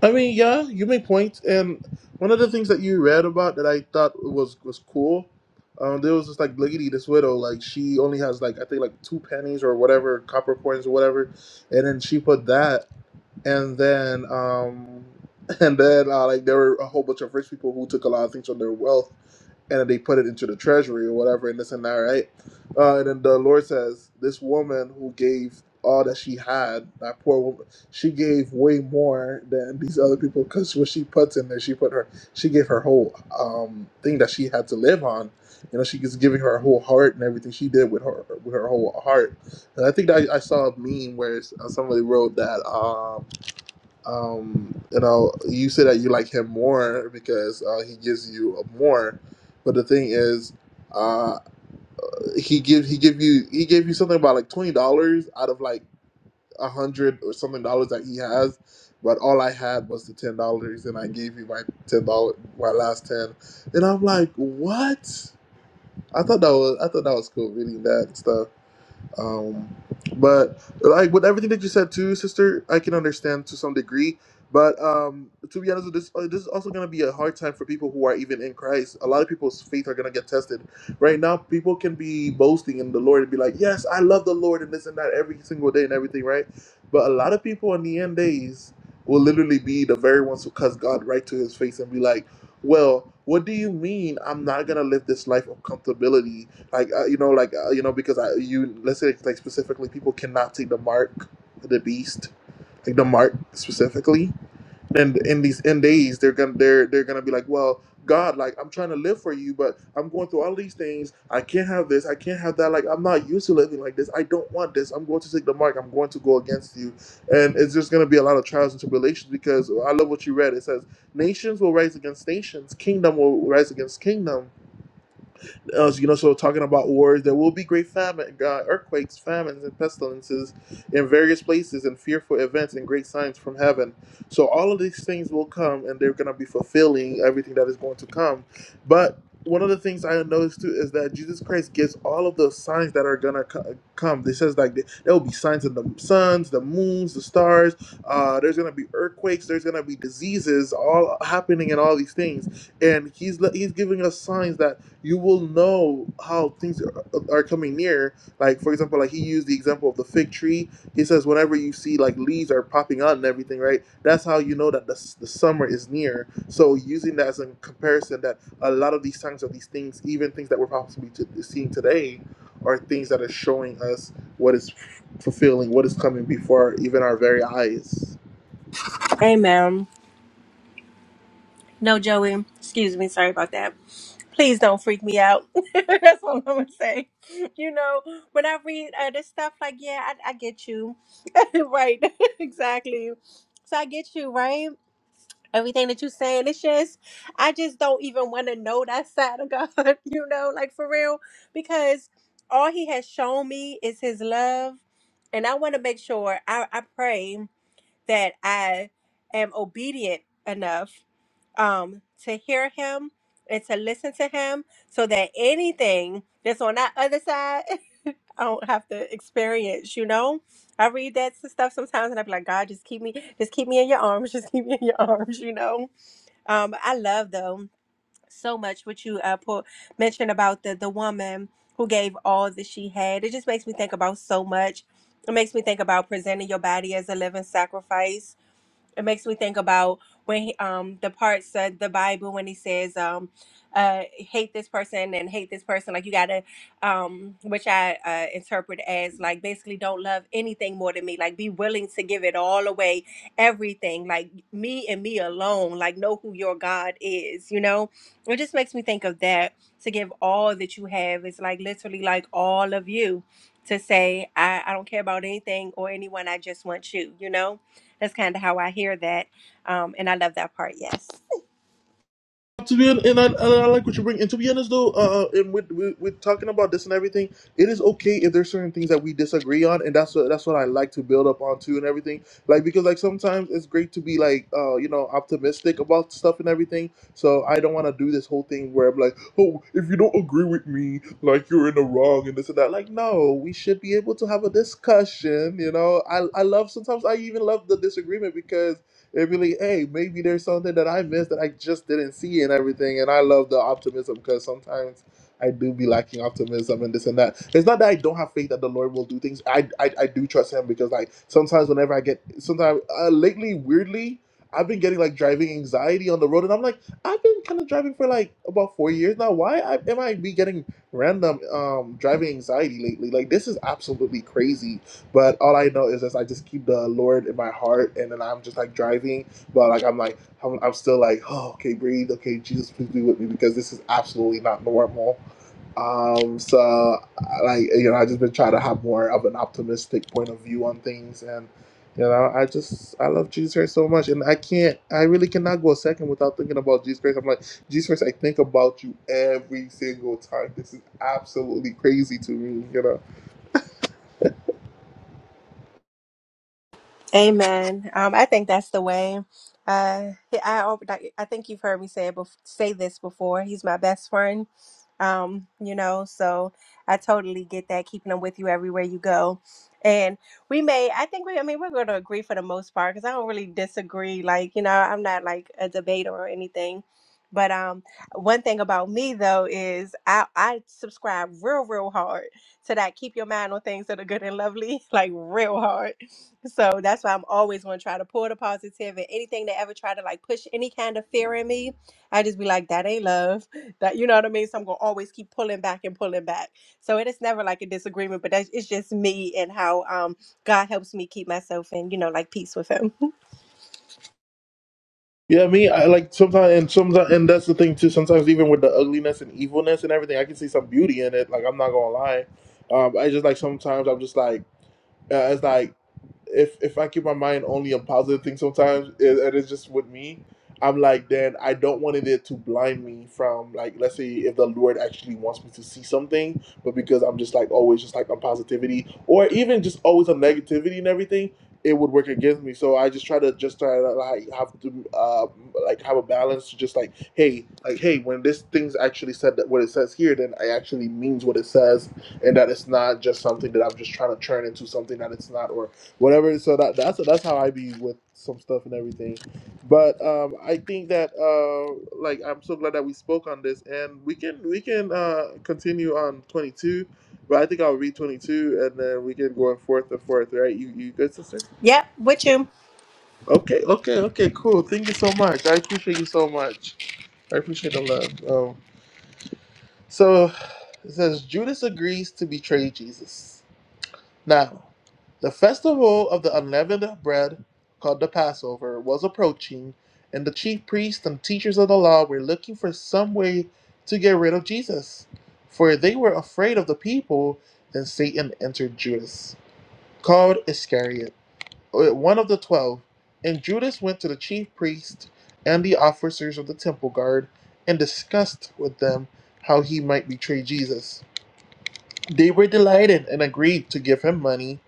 I mean, yeah, you make points. And one of the things that you read about that I thought was was cool, um, there was this like Bliggity, this widow, like she only has like I think like two pennies or whatever copper coins or whatever, and then she put that and then um and then uh, like there were a whole bunch of rich people who took a lot of things from their wealth and then they put it into the treasury or whatever and this and that right uh, and then the lord says this woman who gave all that she had that poor woman she gave way more than these other people because what she puts in there she put her she gave her whole um thing that she had to live on you know she was giving her whole heart and everything she did with her with her whole heart and i think that i, I saw a meme where s- uh, somebody wrote that Um, um, you know, you say that you like him more because uh, he gives you more, but the thing is, uh, he give he give you he gave you something about like twenty dollars out of like a hundred or something dollars that he has, but all I had was the ten dollars, and I gave you my ten dollar my last ten, and I'm like, what? I thought that was I thought that was cool reading that and stuff. Um, but like with everything that you said too, sister, I can understand to some degree. But um, to be honest, this uh, this is also gonna be a hard time for people who are even in Christ. A lot of people's faith are gonna get tested. Right now, people can be boasting in the Lord and be like, "Yes, I love the Lord and this and that every single day and everything," right? But a lot of people in the end days will literally be the very ones who cuss God right to His face and be like, "Well, what do you mean I'm not gonna live this life of comfortability?" like uh, you know like uh, you know because I, you let's say like specifically people cannot take the mark of the beast like the mark specifically then in these end days they're gonna they're they're gonna be like well god like i'm trying to live for you but i'm going through all these things i can't have this i can't have that like i'm not used to living like this i don't want this i'm going to take the mark i'm going to go against you and it's just going to be a lot of trials and tribulations because i love what you read it says nations will rise against nations kingdom will rise against kingdom uh, you know, so talking about wars, there will be great famine, uh, earthquakes, famines, and pestilences in various places, and fearful events and great signs from heaven. So all of these things will come, and they're going to be fulfilling everything that is going to come. But one of the things I noticed too is that Jesus Christ gives all of those signs that are going to co- come. He says like th- there will be signs in the suns, the moons, the stars. Uh, there's going to be earthquakes. There's going to be diseases, all happening, and all these things and he's le- he's giving us signs that you will know how things are, are coming near. Like for example, like he used the example of the fig tree. He says whenever you see like leaves are popping out and everything, right? That's how you know that the, the summer is near. So using that as a comparison, that a lot of these signs of these things, even things that we're possibly to, seeing today, are things that are showing us what is fulfilling, what is coming before even our very eyes.
Amen. No, Joey. Excuse me. Sorry about that. Please don't freak me out. That's what I'm gonna say. You know, when I read uh, this stuff, like, yeah, I, I get you, right? exactly. So I get you, right? Everything that you're saying, it's just, I just don't even want to know that side of God. You know, like for real, because all He has shown me is His love, and I want to make sure I, I pray that I am obedient enough um, to hear him and to listen to him so that anything that's on that other side, I don't have to experience, you know? I read that s- stuff sometimes and i be like, God, just keep me, just keep me in your arms, just keep me in your arms, you know? Um, I love though so much what you uh, put, mentioned about the, the woman who gave all that she had. It just makes me think about so much. It makes me think about presenting your body as a living sacrifice it makes me think about when he, um the parts of the Bible when he says um uh hate this person and hate this person like you gotta um which I uh, interpret as like basically don't love anything more than me like be willing to give it all away everything like me and me alone like know who your God is you know it just makes me think of that to give all that you have is like literally like all of you to say I I don't care about anything or anyone I just want you you know that's kind of how I hear that, um, and I love that part. Yes.
to be hon- and I, I like what you bring. And to be honest, though, uh, uh, and with, with with talking about this and everything, it is okay if there's certain things that we disagree on, and that's what that's what I like to build up on too, and everything. Like because like sometimes it's great to be like uh you know optimistic about stuff and everything. So I don't want to do this whole thing where I'm like, oh, if you don't agree with me, like you're in the wrong and this and that. Like no, we should be able to have a discussion. You know, I I love sometimes I even love the disagreement because It'd be like, hey, maybe there's something that I missed that I just didn't see and everything. And I love the optimism because sometimes I do be lacking optimism and this and that. It's not that I don't have faith that the Lord will do things. I I, I do trust Him because like sometimes whenever I get sometimes uh, lately weirdly. I've been getting like driving anxiety on the road, and I'm like, I've been kind of driving for like about four years now. Why I, am I be getting random um driving anxiety lately? Like this is absolutely crazy but all I know is that I just keep the Lord in my heart, and then I'm just like driving, but like I'm like I'm, I'm still like, oh, okay, breathe, okay, Jesus, please be with me because this is absolutely not normal. Um, so I- like you know, I just been trying to have more of an optimistic point of view on things, and you know, I just I love Jesus Christ so much, and I can't, I really cannot go a second without thinking about Jesus Christ. I'm like, Jesus Christ, I think about you every single time. This is absolutely crazy to me, you know.
Amen. Um, I think that's the way. Uh, I, I like, I think you've heard me say it bef- say this before. He's my best friend. Um, you know, so I totally get that. Keeping him with you everywhere you go, and we may. I think we. I mean, we're going to agree for the most part because I don't really disagree. Like you know, I'm not like a debater or anything. But um, one thing about me though is I I subscribe real real hard to that. Keep your mind on things that are good and lovely, like real hard so that's why I'm always going to try to pull the positive and anything that ever try to like push any kind of fear in me, I just be like, that ain't love. That you know what I mean? So I'm gonna always keep pulling back and pulling back. So it is never like a disagreement, but that's it's just me and how um God helps me keep myself in, you know, like peace with him.
Yeah, me, I like sometimes, and sometimes, and that's the thing too. Sometimes, even with the ugliness and evilness and everything, I can see some beauty in it. Like I'm not gonna lie, um, I just like sometimes I'm just like uh, it's like if if I keep my mind only on positive things sometimes, it, it's just with me, I'm like, then I don't want it to blind me from like, let's say if the Lord actually wants me to see something, but because I'm just like always just like on positivity or even just always on negativity and everything, it would work against me. So I just try to just try to like have to uh, like have a balance to just like, hey, like hey, when this thing's actually said that what it says here, then I actually means what it says and that it's not just something that I'm just trying to turn into something that it's not or whatever. So that that's that's how I be with some stuff and everything. But um, I think that uh, like I'm so glad that we spoke on this, and we can we can uh, continue on 22. But I think I'll read 22, and then we can go on forth and forth. Right? You you good, sister?
Yep, with you.
Okay, okay, okay, cool. Thank you so much. I appreciate you so much. I appreciate the love. Um, so it says Judas agrees to betray Jesus. Now, the festival of the unleavened bread, called the Passover, was approaching, and the chief priests and teachers of the law were looking for some way to get rid of Jesus, for they were afraid of the people. Then Satan entered Judas, called Iscariot, uh, one of the twelve. And Judas went to the chief priests and the officers of the temple guard and discussed with them how he might betray Jesus. They were delighted and agreed to give him money.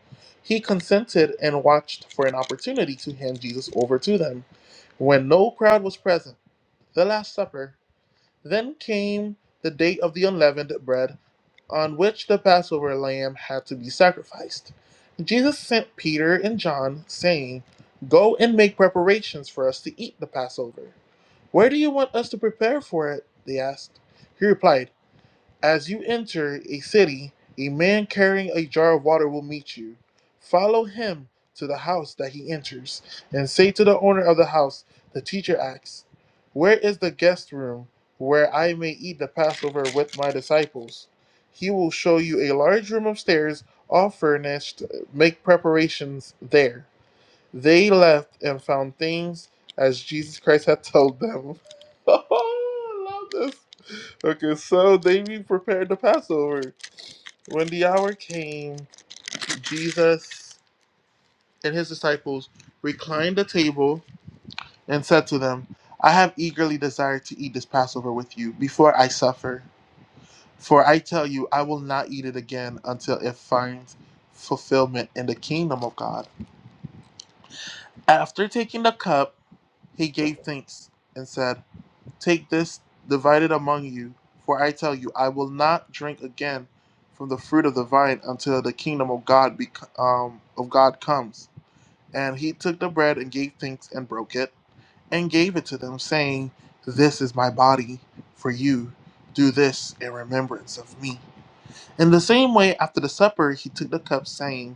He consented and watched for an opportunity to hand Jesus over to them. When no crowd was present, the Last Supper, then came the day of the unleavened bread, on which the Passover lamb had to be sacrificed. Jesus sent Peter and John, saying, Go and make preparations for us to eat the Passover. Where do you want us to prepare for it? They asked. He replied, as you enter a city, a man carrying a jar of water will meet you. Follow him to the house that he enters, and say to the owner of the house, The teacher asks, Where is the guest room where I may eat the Passover with my disciples? He will show you a large room upstairs, all furnished. Make preparations there. They left and found things as Jesus Christ had told them. Oh, I love this. Okay, so they prepared the Passover. When the hour came, Jesus and his disciples reclined at the table and said to them, I have eagerly desired to eat this Passover with you before I suffer. For I tell you, I will not eat it again until it finds fulfillment in the kingdom of God. After taking the cup, he gave thanks and said, Take this, divide it among you. For I tell you, I will not drink again from the fruit of the vine until the kingdom of God be, um, of God comes. And he took the bread and gave thanks and broke it and gave it to them, saying, This is my body for you. Do this in remembrance of me. In the same way, after the supper, he took the cup, saying,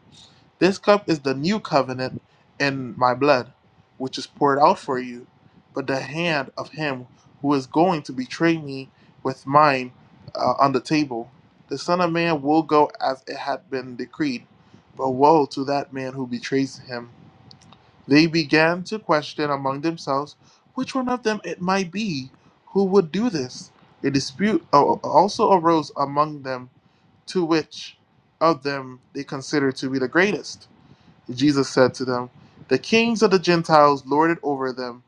this cup is the new covenant in my blood, which is poured out for you. But the hand of him who is going to betray me with mine uh, on the table. The Son of Man will go as it had been decreed, but woe to that man who betrays him. They began to question among themselves which one of them it might be who would do this. A dispute uh, also arose among them to which of them they considered to be the greatest. Jesus said to them, The kings of the Gentiles lord it over them,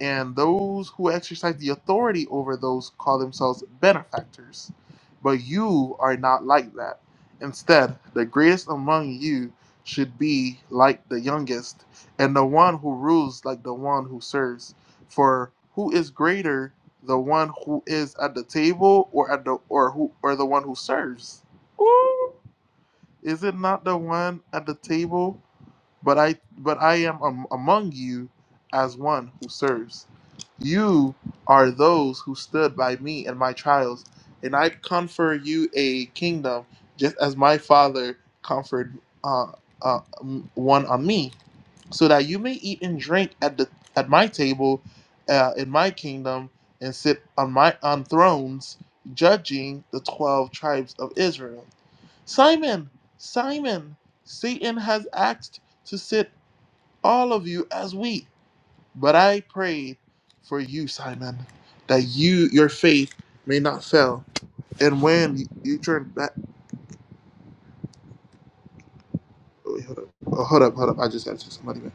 and those who exercise the authority over those call themselves benefactors. But you are not like that. Instead, the greatest among you should be like the youngest, and the one who rules like the one who serves. For who is greater, the one who is at the table or at the or who or the one who serves? Ooh. Is it not the one at the table? but I but I am am- among you as one who serves. You are those who stood by me in my trials, and I confer you a kingdom, just as my father conferred uh, uh, m- one on me, so that you may eat and drink at the at my table, uh, in my kingdom, and sit on my on thrones, judging the twelve tribes of Israel. Simon, Simon, Satan has asked to sit all of you as wheat. But I prayed for you, Simon, that you your faith may not fail. And when you, you turn back, oh, wait, hold up, oh, hold up, hold up. I just had to text somebody. Man.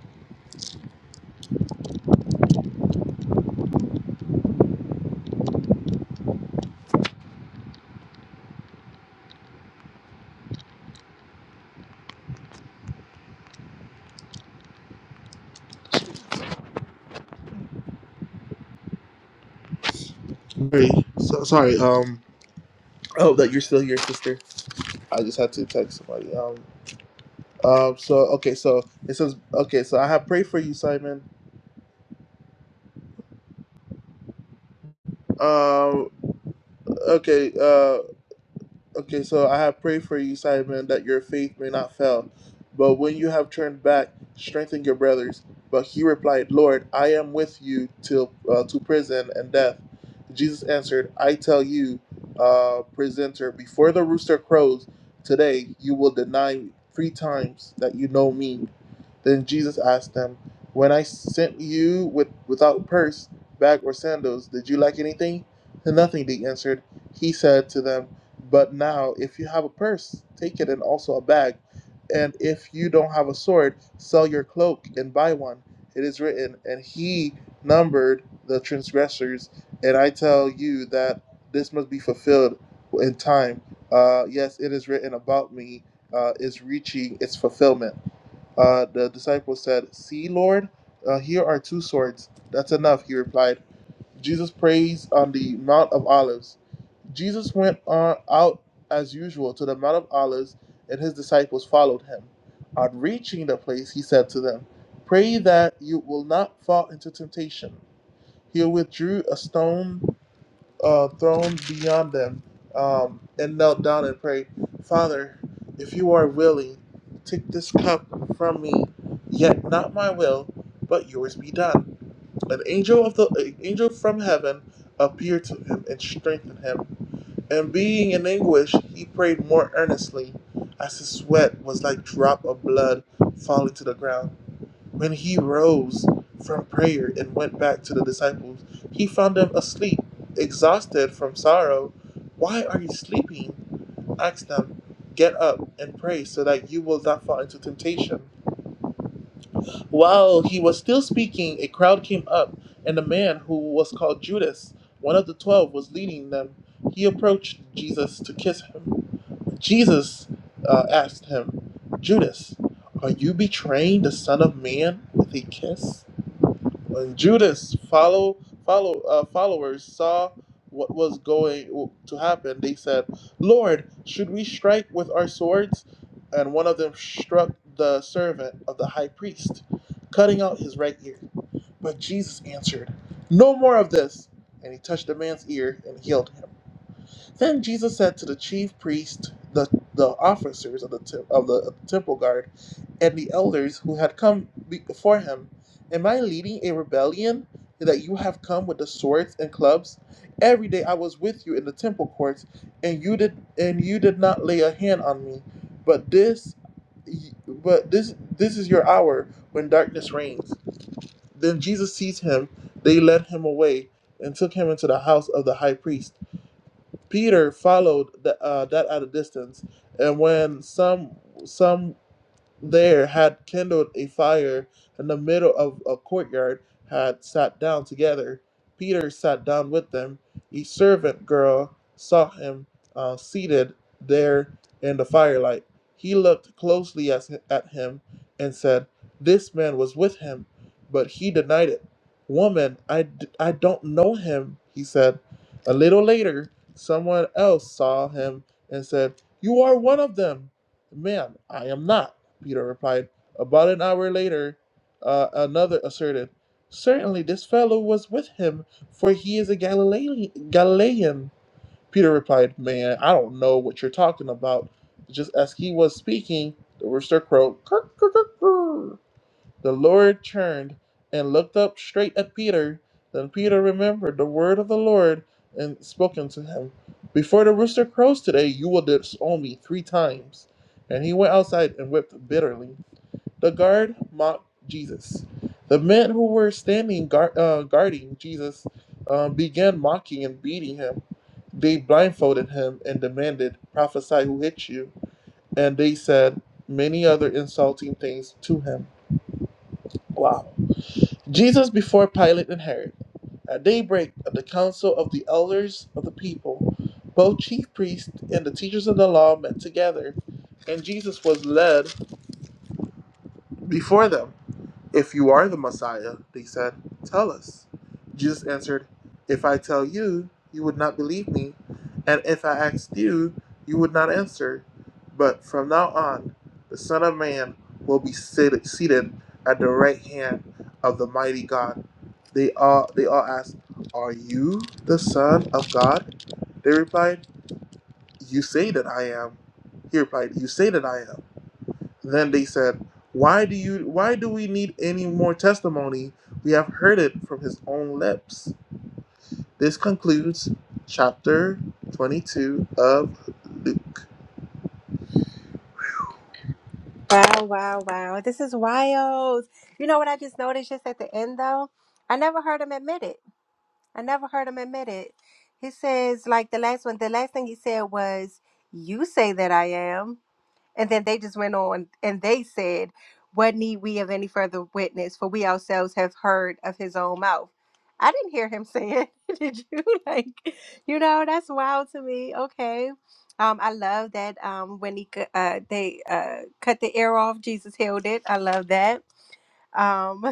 Sorry, so, sorry. Um, I hope that you're still here, sister. I just had to text somebody. Um, um. So okay, so it says okay. So I have prayed for you, Simon. Um. Okay. Uh. Okay, so I have prayed for you, Simon, that your faith may not fail. But when you have turned back, strengthen your brothers. But he replied, Lord, I am with you till uh, to prison and death. Jesus answered, I tell you, uh, presenter, before the rooster crows today, you will deny me three times that you know me. Then Jesus asked them, When I sent you with, without purse, bag, or sandals, did you lack anything? Nothing, they answered. He said to them, But now, if you have a purse, take it and also a bag. And if you don't have a sword, sell your cloak and buy one. It is written, And he numbered the transgressors. And I tell you that this must be fulfilled in time. Uh, yes, it is written about me, uh, is reaching its fulfillment. Uh, the disciples said, See, Lord, uh, here are two swords. That's enough, he replied. Jesus prays on the Mount of Olives. Jesus went on out as usual to the Mount of Olives, and his disciples followed him. On reaching the place, he said to them, Pray that you will not fall into temptation. He withdrew a stone uh, throne beyond them um, and knelt down and prayed, Father, if you are willing, take this cup from me, yet not my will, but yours be done. An angel of the an angel from heaven appeared to him and strengthened him. And being in anguish, he prayed more earnestly, as his sweat was like drop of blood falling to the ground. When he rose from prayer and went back to the disciples, he found them asleep, exhausted from sorrow. Why are you sleeping? asked them. Get up and pray so that you will not fall into temptation. While he was still speaking, a crowd came up, and a man who was called Judas, one of the twelve, was leading them. He approached Jesus to kiss him. Jesus uh, asked him, Judas, are you betraying the Son of Man with a kiss? When Judas follow follow uh, followers saw what was going to happen, they said, "Lord, should we strike with our swords?" And one of them struck the servant of the high priest, cutting out his right ear. But Jesus answered, "No more of this." And he touched the man's ear and healed him. Then Jesus said to the chief priests, the, the officers of the, tem- of the of the temple guard, and the elders who had come before him, Am I leading a rebellion that you have come with the swords and clubs? Every day I was with you in the temple courts, and you did and you did not lay a hand on me. But this but this this is your hour when darkness reigns. Then Jesus seized him, they led him away, and took him into the house of the high priest. Peter followed the, uh, that at a distance, and when some some there had kindled a fire in the middle of a courtyard, had sat down together. Peter sat down with them. A servant girl saw him uh, seated there in the firelight. He looked closely as, at him and said, This man was with him. But he denied it. Woman, I, d- I don't know him, he said. A little later, someone else saw him and said, You are one of them. Man, I am not. Peter replied. About an hour later, uh, another asserted, Certainly this fellow was with him, for he is a Galilean. Galilean. Peter replied, Man, I don't know what you're talking about. Just as he was speaking, the rooster crowed, "Cluck, cluck, cluck, cluck." The Lord turned and looked up straight at Peter. Then Peter remembered the word of the Lord and spoken to him. Before the rooster crows today, you will disown me three times. And he went outside and wept bitterly. The guard mocked Jesus. The men who were standing guard, uh, guarding Jesus uh, began mocking and beating him. They blindfolded him and demanded, Prophesy who hit you. And they said many other insulting things to him. Wow. Jesus before Pilate and Herod. At daybreak, at the council of the elders of the people, both chief priests and the teachers of the law met together, and Jesus was led before them. If you are the Messiah, they said, tell us. Jesus answered, If I tell you, you would not believe me, and if I asked you, you would not answer. But from now on, the Son of Man will be seated, seated at the right hand of the mighty God. They all they all asked, Are you the Son of God? They replied, You say that I am. He replied, You say that I am. Then they said, "Why do you why do we need any more testimony? We have heard it from his own lips." This concludes chapter 22 of Luke.
Wow, wow, wow. This is wild. You know what I just noticed just at the end though? I never heard him admit it. I never heard him admit it. He says, like the last one, the last thing he said was, You say that I am. And then they just went on and they said, What need we of any further witness? For we ourselves have heard of his own mouth. I didn't hear him say it. Did you? Like, you know, that's wild to me. Okay. Um, I love that um, when he cu- uh, they uh, cut the ear off, Jesus healed it. I love that um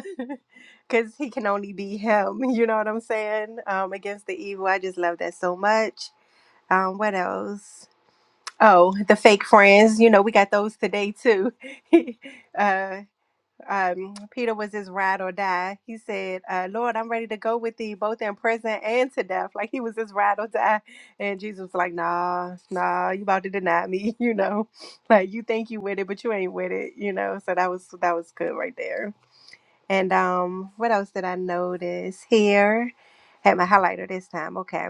because he can only be him you know what i'm saying um against the evil i just love that so much um what else oh the fake friends you know we got those today too uh um peter was his ride or die he said uh lord i'm ready to go with thee both in prison and to death like he was his ride or die and jesus was like nah nah you about to deny me you know like you think you with it but you ain't with it you know so that was that was good right there and um, what else did I notice here? Had my highlighter this time. Okay.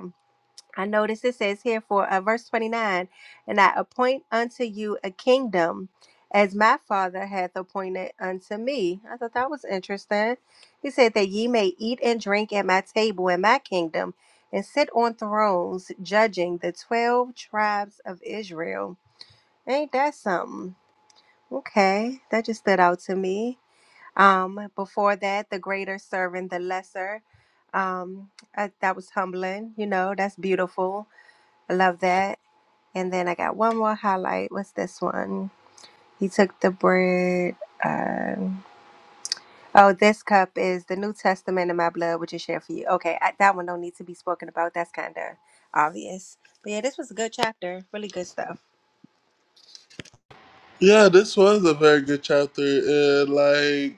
I noticed it says here for uh, verse 29 And I appoint unto you a kingdom as my father hath appointed unto me. I thought that was interesting. He said that ye may eat and drink at my table in my kingdom and sit on thrones judging the 12 tribes of Israel. Ain't that something? Okay. That just stood out to me. Um, before that, the greater serving the lesser. Um, I, that was humbling. You know, that's beautiful. I love that. And then I got one more highlight. What's this one? He took the bread. Um, oh, this cup is the New Testament in my blood, which is shared for you. Okay, I, that one don't need to be spoken about. That's kind of obvious. But yeah, this was a good chapter. Really good stuff.
Yeah, this was a very good chapter and like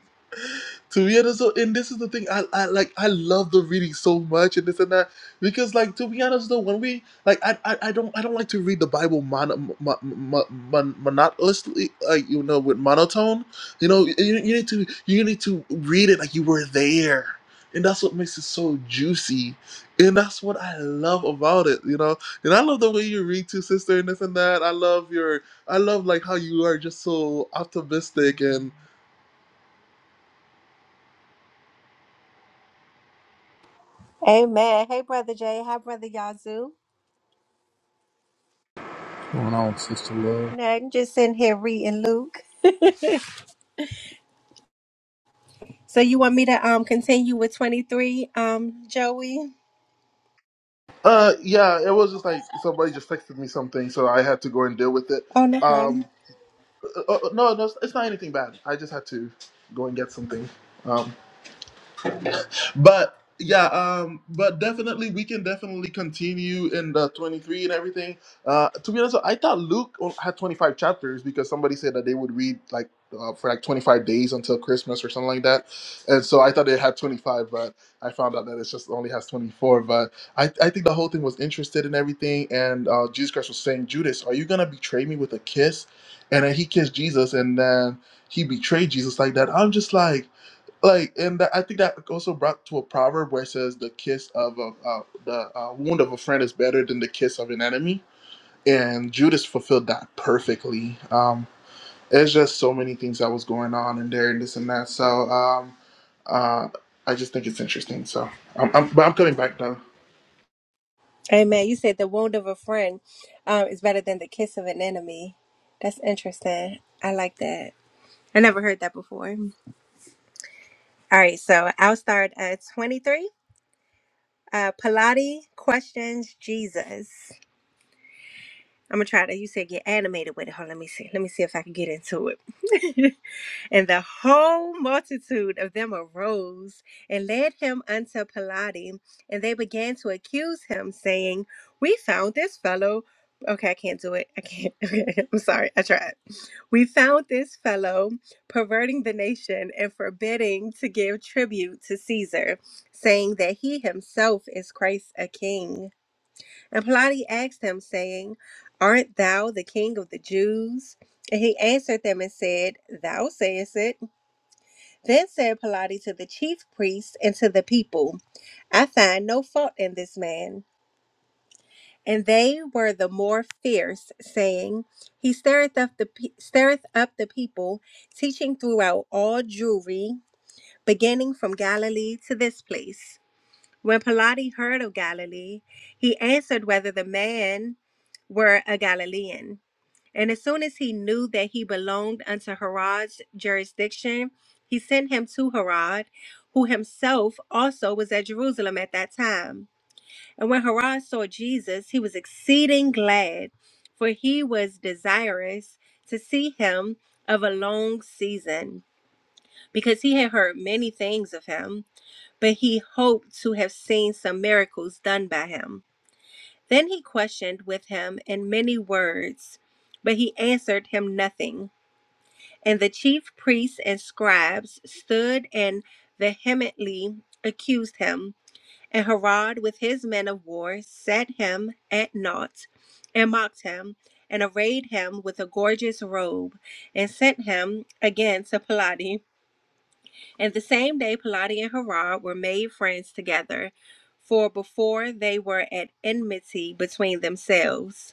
to be honest, so and this is the thing I, I like I love the reading so much and this and that because like to be honest though when we like I I, I don't I don't like to read the Bible mon, mon, mon, mon, monotonously like you know with monotone you know you, you need to you need to read it like you were there and that's what makes it so juicy and that's what I love about it you know and I love the way you read too sister and this and that I love your I love like how you are just so optimistic and.
Amen. Hey, brother Jay. Hi, brother Yazoo.
yeah.
Nothing. Just sitting here reading Luke. So you want me to um continue with 23, um, Joey?
Uh, yeah, it was just like somebody just texted me something, so I had to go and deal with it.
Oh, no problem.
Um, uh, uh, no, no, it's it's not anything bad. I just had to go and get something. Um, but yeah um but definitely we can definitely continue in the 23 and everything uh to be honest i thought luke o- had 25 chapters because somebody said that they would read like uh, for like 25 days until christmas or something like that and so i thought it had 25 but i found out that it just only has 24 but i, I think the whole thing was interested in everything and uh, jesus christ was saying judas are you gonna betray me with a kiss and then he kissed jesus and then he betrayed jesus like that i'm just like like and that, i think that also brought to a proverb where it says the kiss of a uh, the uh, wound of a friend is better than the kiss of an enemy and judas fulfilled that perfectly um there's just so many things that was going on in there and this and that so um uh i just think it's interesting so i'm, I'm but i'm coming back though
Amen. You said the wound of a friend um is better than the kiss of an enemy. That's interesting. I like that. I never heard that before. All right, so I'll start at 23. Uh Pilate questions Jesus. I'm gonna try to you said get animated with it. Hold on, let me see. Let me see if I can get into it. And the whole multitude of them arose and led him unto Pilate. And they began to accuse him, saying, We found this fellow. Okay, I can't do it. I can't. Okay, I'm sorry. I tried. We found this fellow perverting the nation and forbidding to give tribute to Caesar, saying that he himself is Christ a king. And Pilate asked him, saying, Art thou the king of the Jews? And he answered them and said, Thou sayest it. Then said Pilate to the chief priests and to the people, I find no fault in this man. And they were the more fierce, saying, He stirreth up the pe- stirreth up the people, teaching throughout all Jewry, beginning from Galilee to this place. When Pilate heard of Galilee, he answered whether the man were a Galilean. And as soon as he knew that he belonged unto Herod's jurisdiction, he sent him to Herod, who himself also was at Jerusalem at that time. And when Herod saw Jesus, he was exceeding glad, for he was desirous to see him of a long season, because he had heard many things of him, but he hoped to have seen some miracles done by him. Then he questioned with him in many words, but he answered him nothing. And the chief priests and scribes stood and vehemently accused him. And Herod, with his men of war, set him at naught, and mocked him, and arrayed him with a gorgeous robe, and sent him again to Pilate. And the same day, Pilate and Herod were made friends together, for before they were at enmity between themselves.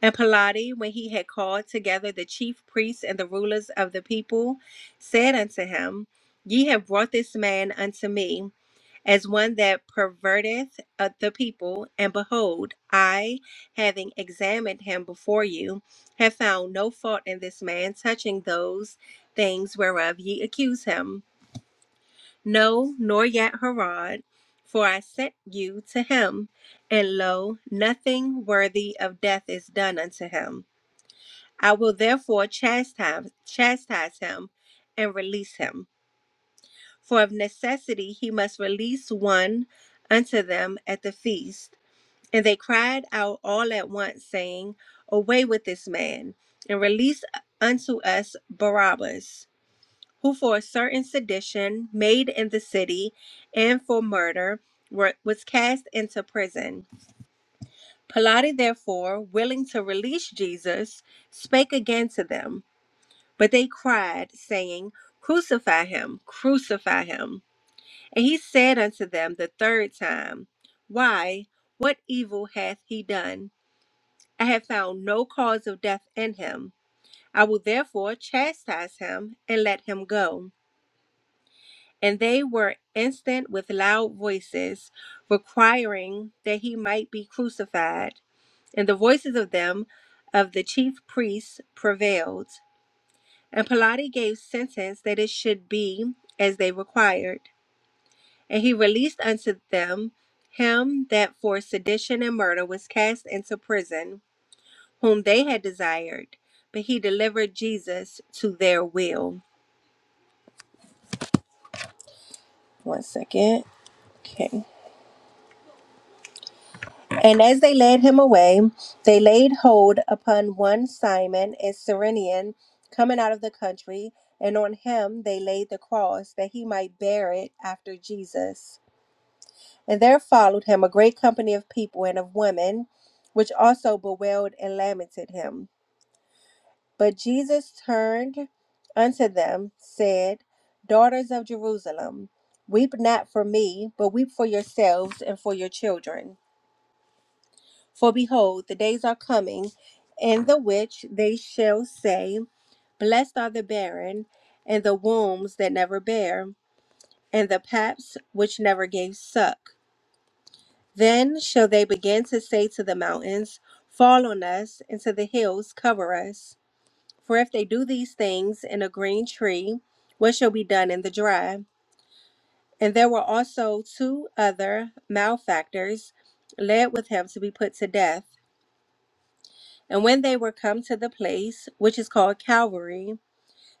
And Pilate, when he had called together the chief priests and the rulers of the people, said unto him, Ye have brought this man unto me as one that perverteth uh, the people, and behold, I, having examined him before you, have found no fault in this man touching those things whereof ye accuse him. No, nor yet Herod, for I sent you to him, and lo, nothing worthy of death is done unto him. I will therefore chastise, chastise him and release him. For of necessity he must release one unto them at the feast. And they cried out all at once, saying, Away with this man, and release unto us Barabbas, who for a certain sedition made in the city and for murder were, was cast into prison. Pilate, therefore, willing to release Jesus, spake again to them. But they cried, saying, Crucify him, crucify him. And he said unto them the third time, Why, what evil hath he done? I have found no cause of death in him. I will therefore chastise him and let him go. And they were instant with loud voices, requiring that he might be crucified. And the voices of them of the chief priests prevailed. And Pilate gave sentence that it should be as they required. And he released unto them him that for sedition and murder was cast into prison, whom they had desired. But he delivered Jesus to their will. One second. Okay. And as they led him away, they laid hold upon one Simon, a Cyrenian, coming out of the country, and on him they laid the cross, that he might bear it after Jesus. And there followed him a great company of people and of women, which also bewailed and lamented him. But Jesus turned unto them, said, Daughters of Jerusalem, weep not for me, but weep for yourselves and for your children. For behold, the days are coming, in the which they shall say, Blessed are the barren, and the wombs that never bare, and the paps which never gave suck. Then shall they begin to say to the mountains, Fall on us, and to the hills, cover us. For if they do these things in a green tree, what shall be done in the dry? And there were also two other malefactors led with him to be put to death. And when they were come to the place, which is called Calvary,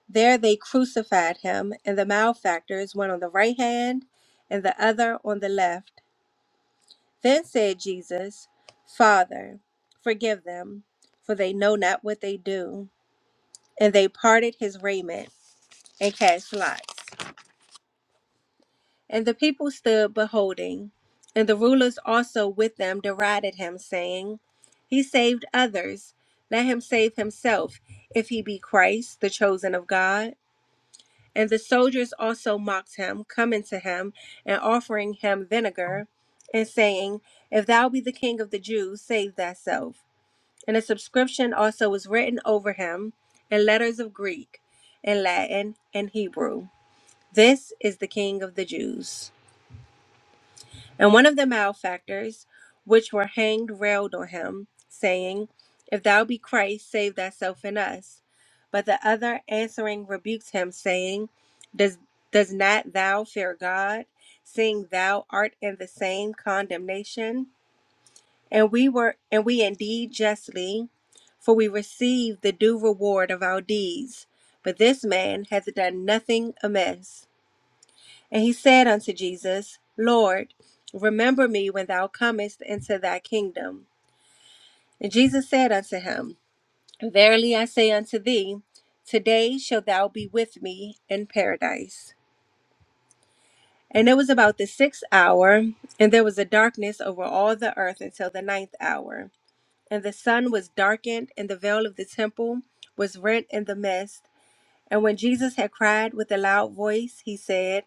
there they crucified him, and the malefactors, one on the right hand, and the other on the left. Then said Jesus, Father, forgive them, for they know not what they do. And they parted his raiment and cast lots. And the people stood beholding. And the rulers also with them derided him, saying, He saved others. Let him save himself, if he be Christ, the chosen of God. And the soldiers also mocked him, coming to him and offering him vinegar, and saying, If thou be the king of the Jews, save thyself. And a subscription also was written over him in letters of Greek and Latin and Hebrew. This is the King of the Jews. And one of the malefactors which were hanged railed on him, saying, If thou be Christ, save thyself and us. But the other answering rebuked him, saying, Does does not thou fear God, seeing thou art in the same condemnation? And we were and we indeed justly, for we receive the due reward of our deeds. But this man hath done nothing amiss. And he said unto Jesus, Lord, remember me when thou comest into thy kingdom. And Jesus said unto him, Verily I say unto thee, today shalt thou be with me in paradise. And it was about the sixth hour, and there was a darkness over all the earth until the ninth hour. And the sun was darkened, and the veil of the temple was rent in the midst. And when Jesus had cried with a loud voice, he said,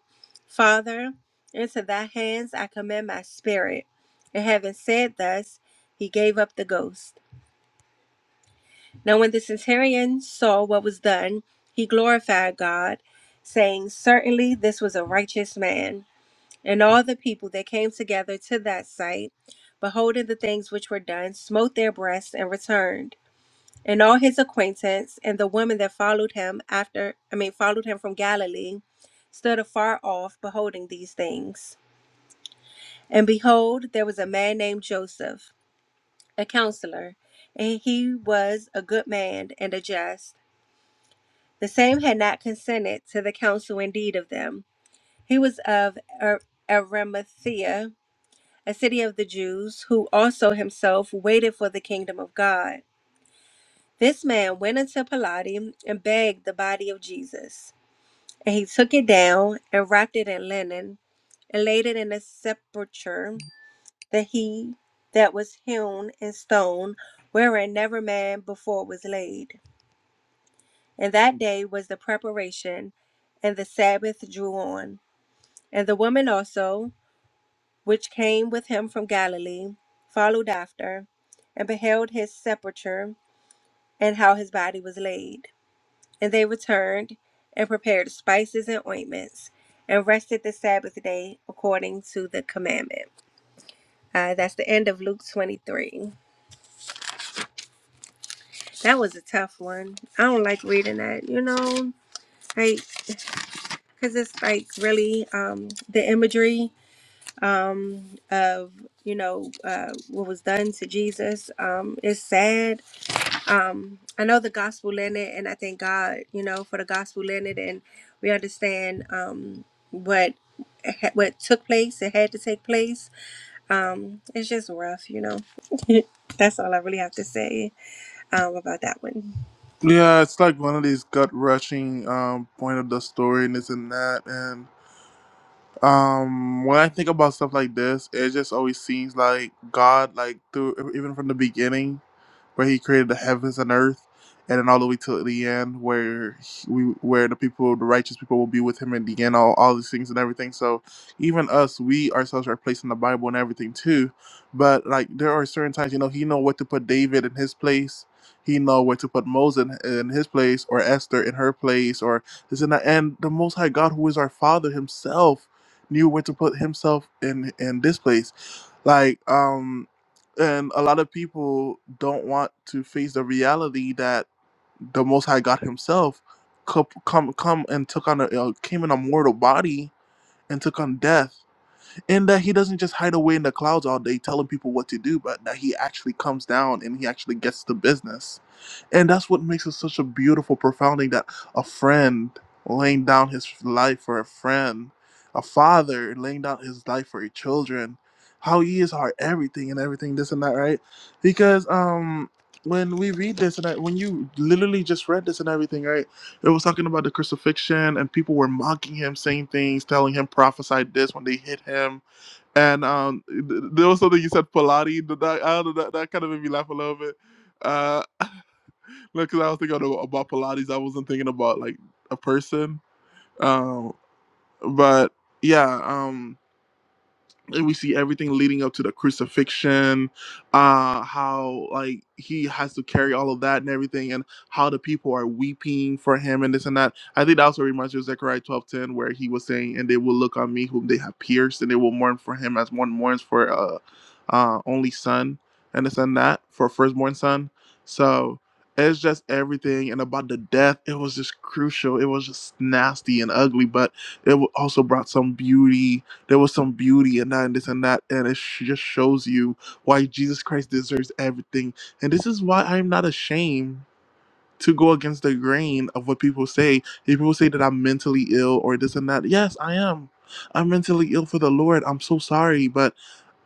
Father, into thy hands I commend my spirit. And having said thus, he gave up the ghost. Now, when the centurion saw what was done, he glorified God, saying, Certainly this was a righteous man. And all the people that came together to that sight, beholding the things which were done, smote their breasts and returned and all his acquaintance and the women that followed him after i mean followed him from galilee stood afar off beholding these things and behold there was a man named joseph a counselor and he was a good man and a just the same had not consented to the counsel indeed of them he was of Ar- arimathea a city of the jews who also himself waited for the kingdom of god this man went unto Pilate and begged the body of Jesus. And he took it down and wrapped it in linen and laid it in a sepulchre that he that was hewn in stone, wherein never man before was laid. And that day was the preparation, and the Sabbath drew on. And the woman also, which came with him from Galilee, followed after, and beheld his sepulchre, and how his body was laid. And they returned and prepared spices and ointments and rested the Sabbath day according to the commandment. Uh, that's the end of Luke 23. That was a tough one. I don't like reading that, you know, like, because it's like really um, the imagery um, of, you know, uh, what was done to Jesus um, is sad um i know the gospel landed and i thank god you know for the gospel landed and we understand um what ha- what took place it had to take place um it's just rough you know that's all i really have to say um about that one
yeah it's like one of these gut rushing um point of the story and this and that and um when i think about stuff like this it just always seems like god like through even from the beginning where he created the heavens and earth, and then all the way till the end, where he- we, where the people, the righteous people, will be with him in the end, all, all these things and everything. So, even us, we ourselves are placed in the Bible and everything too. But like, there are certain times, you know, he know what to put David in his place. He know where to put Moses in, in his place, or Esther in her place, or this and that. And the Most High God, who is our Father Himself, knew where to put Himself in in this place like um and a lot of people don't want to face the reality that the Most High God Himself come come come and took on a uh, came in a mortal body and took on death, and that He doesn't just hide away in the clouds all day telling people what to do, but that He actually comes down and He actually gets to business and that's what makes it such a beautiful, profound thing that a friend laying down his life for a friend, a father laying down his life for his children, how he is our everything and everything, this and that, right? Because um when we read this and I, when you literally just read this and everything, right? It was talking about the crucifixion and people were mocking him, saying things, telling him prophesied this when they hit him. And um, th- there was something you said, Pilate. That, I don't know, that, that kind of made me laugh a little bit. Uh, No, because I was thinking about, Pilates. I wasn't thinking about like a person. Um, but yeah. Um, and we see everything leading up to the crucifixion uh how like he has to carry all of that and everything and how the people are weeping for him and this and that i think that also reminds you of zechariah twelve ten, where he was saying and they will look on me whom they have pierced and they will mourn for him as one mourns for uh uh only son and this and that for firstborn son so it's just everything and about the death it was just crucial it was just nasty and ugly but it w- also brought some beauty there was some beauty and that and this and that, and it sh- just shows you why Jesus Christ deserves everything. And this is why I'm not ashamed to go against the grain of what people say. If people say that I'm mentally ill or this and that, yes, I am. I'm mentally ill for the Lord. I'm so sorry, but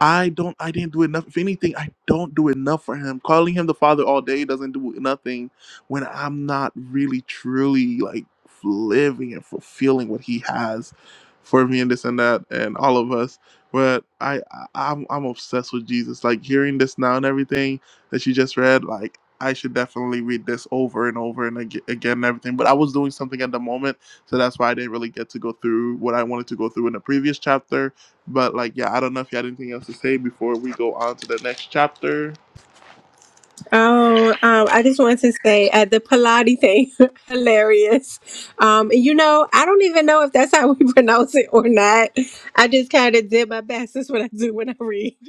I don't. I didn't do enough. If anything, I don't do enough for Him. Calling Him the Father all day doesn't do nothing when I'm not really, truly like living and fulfilling what He has for me and this and that and all of us. But I, I I'm, I'm obsessed with Jesus. Like hearing this now and everything that you just read, like. I should definitely read this over and over and ag- again and everything. But I was doing something at the moment, so that's why I didn't really get to go through what I wanted to go through in the previous chapter. But like, yeah, I don't know if you had anything else to say before we go on to the next chapter.
Oh, um, I just wanted to say uh, the Pilates thing, hilarious. Um, you know, I don't even know if that's how we pronounce it or not. I just kind of did my best. That's what I do when I read.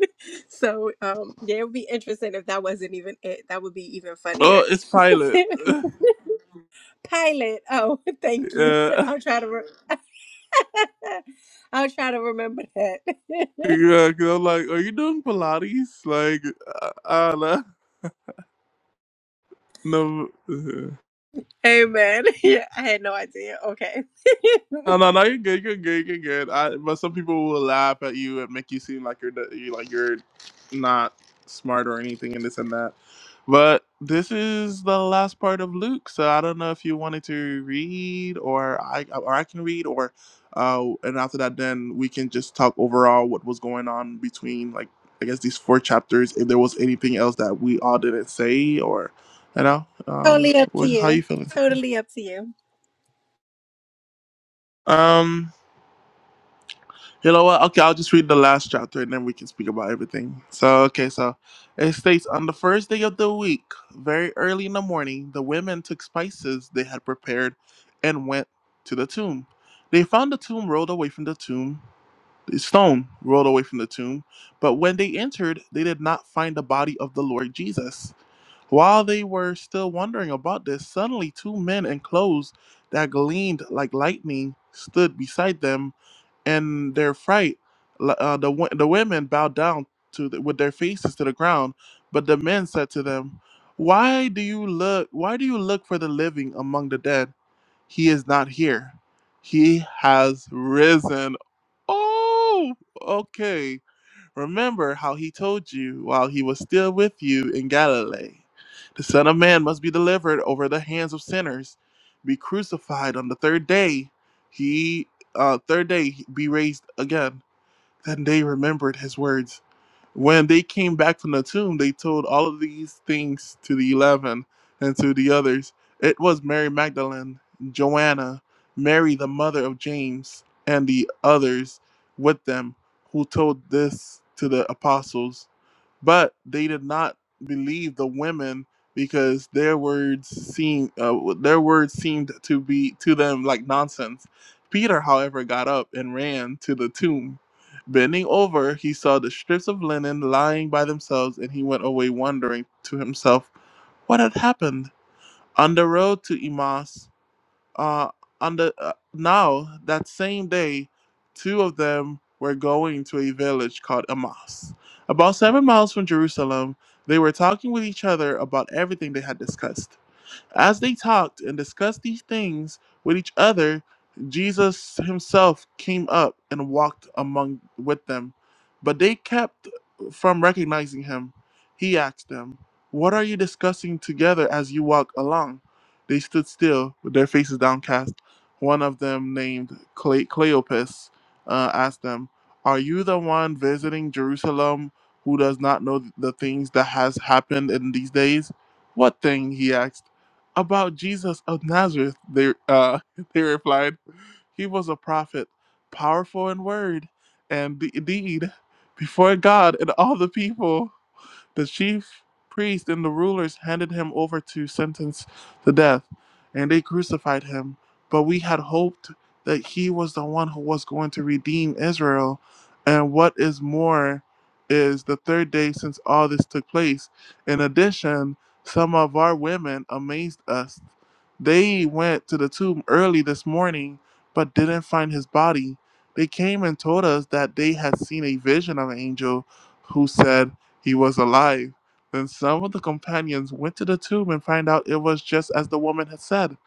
So, um, yeah, it would be interesting if that wasn't even it. That would be even
Oh,
funnier.
it's Pilate. yeah,
Pilot. Oh, thank you. I'll try to. Re- I'll try to remember that.
yeah. Cause I'm like, are you doing Pilates? Like, uh, uh, no.
Amen. Yeah, I had no idea. Okay.
No, no, no. You're good. You're good. You're good. I, but some people will laugh at you and make you seem like you're the- you like you're not smart or anything and this and that. But this is the last part of Luke, so I don't know if you wanted to read or I or I can read or uh, and after that, then we can just talk overall what was going on between like I guess these four chapters. If there was anything else that we all didn't say or you know, um,
totally up to
what, how you
you.
feeling?
Totally up to you.
Um. You know what? Okay, I'll just read the last chapter and then we can speak about everything. So, okay, so it states on the first day of the week, very early in the morning, the women took spices they had prepared and went to the tomb. They found the tomb rolled away from the tomb the stone rolled away from the tomb, but when they entered, they did not find the body of the Lord Jesus. While they were still wondering about this, suddenly two men in clothes that gleamed like lightning stood beside them. In their fright, l- uh, the, wo- the women bowed down to the, with their faces to the ground, but the men said to them, "Why do you look? Why do you look for the living among the dead? He is not here. He has risen." Oh, okay. Remember how he told you while he was still with you in Galilee. The Son of Man must be delivered over the hands of sinners, be crucified on the third day. He, uh, third day, be raised again. Then they remembered his words. When they came back from the tomb, they told all of these things to the eleven and to the others. It was Mary Magdalene, Joanna, Mary the mother of James, and the others with them who told this to the apostles but they did not believe the women because their words seemed uh, their words seemed to be to them like nonsense. Peter, however, got up and ran to the tomb. Bending over, he saw the strips of linen lying by themselves, and he went away wondering to himself what had happened. On the road to Emmaus, uh, on the uh, now that same day, two of them were going to a village called Amas, about seven miles from Jerusalem. They were talking with each other about everything they had discussed. As they talked and discussed these things with each other, Jesus himself came up and walked among with them, but they kept from recognizing him. He asked them, "What are you discussing together as you walk along?" They stood still with their faces downcast. One of them, named Cle- Cleopas, uh, asked them, "Are you the one visiting Jerusalem who does not know the things that has happened in these days?" "What thing?" he asked. About Jesus of Nazareth, they, uh, they replied, He was a prophet, powerful in word and de- deed before God and all the people. The chief priest and the rulers handed him over to sentence to death, and they crucified him. But we had hoped that he was the one who was going to redeem Israel. And what is more is the third day since all this took place. In addition, some of our women amazed us. They went to the tomb early this morning but didn't find his body. They came and told us that they had seen a vision of an angel who said, he was alive. Then some of the companions went to the tomb and found out it was just as the woman had said,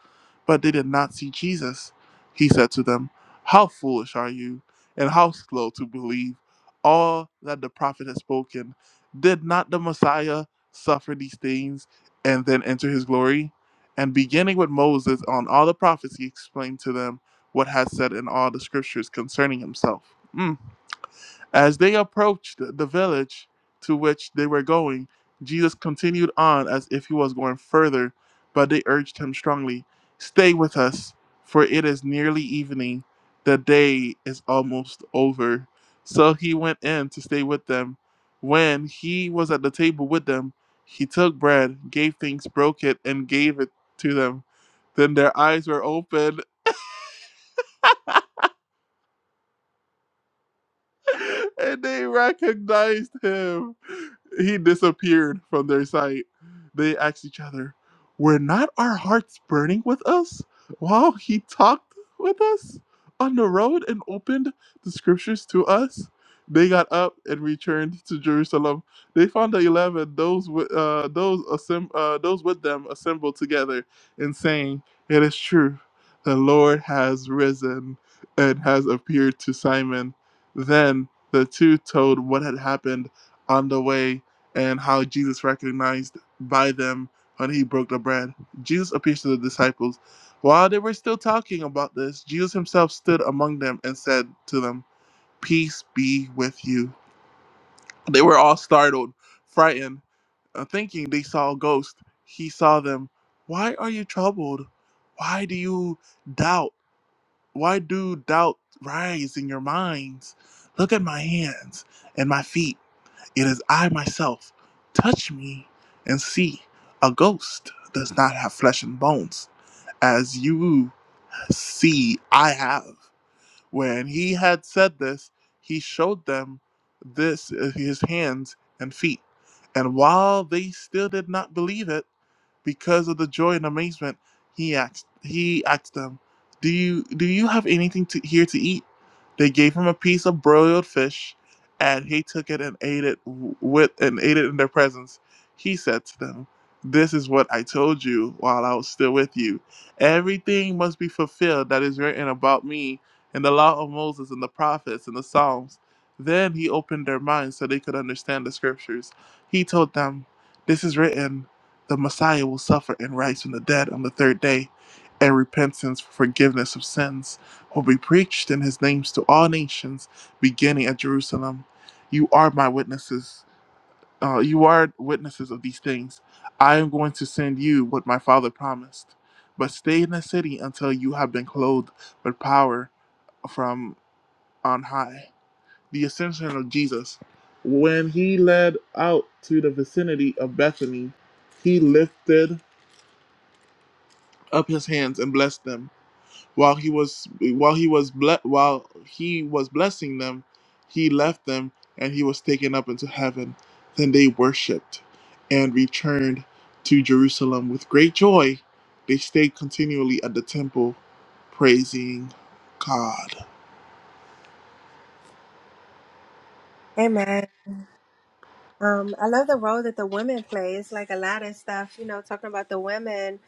but they did not see Jesus. He said to them, How foolish are you, and how slow to believe all that the prophet has spoken? Did not the Messiah suffer these things and then enter his glory? And beginning with Moses on all the prophets, he explained to them what has said in all the scriptures concerning himself. Mm. As they approached the village to which they were going, Jesus continued on as if he was going further, but they urged him strongly, Stay with us, for it is nearly evening. The day is almost over. So he went in to stay with them. When he was at the table with them, he took bread, gave thanks, broke it, and gave it to them. Then their eyes were opened and they recognized him. He disappeared from their sight. They asked each other, Were not our hearts burning with us while he talked with us on the road and opened the scriptures to us? They got up and returned to Jerusalem. They found the eleven, those with, uh, those assemb- uh, those with them, assembled together and saying, "It is true, the Lord has risen and has appeared to Simon." Then the two told what had happened on the way and how Jesus recognized by them when he broke the bread. Jesus appears to the disciples. While they were still talking about this, Jesus himself stood among them and said to them, Peace be with you. They were all startled, frightened, uh, thinking they saw a ghost. He saw them. Why are you troubled? Why do you doubt? Why do doubt rise in your minds? Look at my hands and my feet. It is I myself. Touch me and see. A ghost does not have flesh and bones, as you see I have. When he had said this, he showed them this uh, his hands and feet. And while they still did not believe it, because of the joy and amazement, he asked he asked them, "Do you do you have anything to, here to eat?" They gave him a piece of broiled fish, and he took it and ate it w- with and ate it in their presence. He said to them, "This is what I told you while I was still with you. Everything must be fulfilled that is written about me in the law of Moses and the prophets and the Psalms." Then he opened their minds so they could understand the scriptures. He told them, "This is written." the Messiah will suffer and rise from the dead on the third day, and repentance for forgiveness of sins will be preached in his name to all nations, beginning at Jerusalem. You are my witnesses. Uh, you are witnesses of these things. I am going to send you what my father promised. But stay in the city until you have been clothed with power from on high. The ascension of Jesus. When he led out to the vicinity of Bethany, he lifted up his hands and blessed them. While he was while he was ble- while he was blessing them, he left them and he was taken up into heaven. Then they worshipped and returned to Jerusalem with great joy. They stayed continually at the temple, praising God.
Amen. Um, I love the role that the women play. It's like a lot of stuff, you know, talking about the women.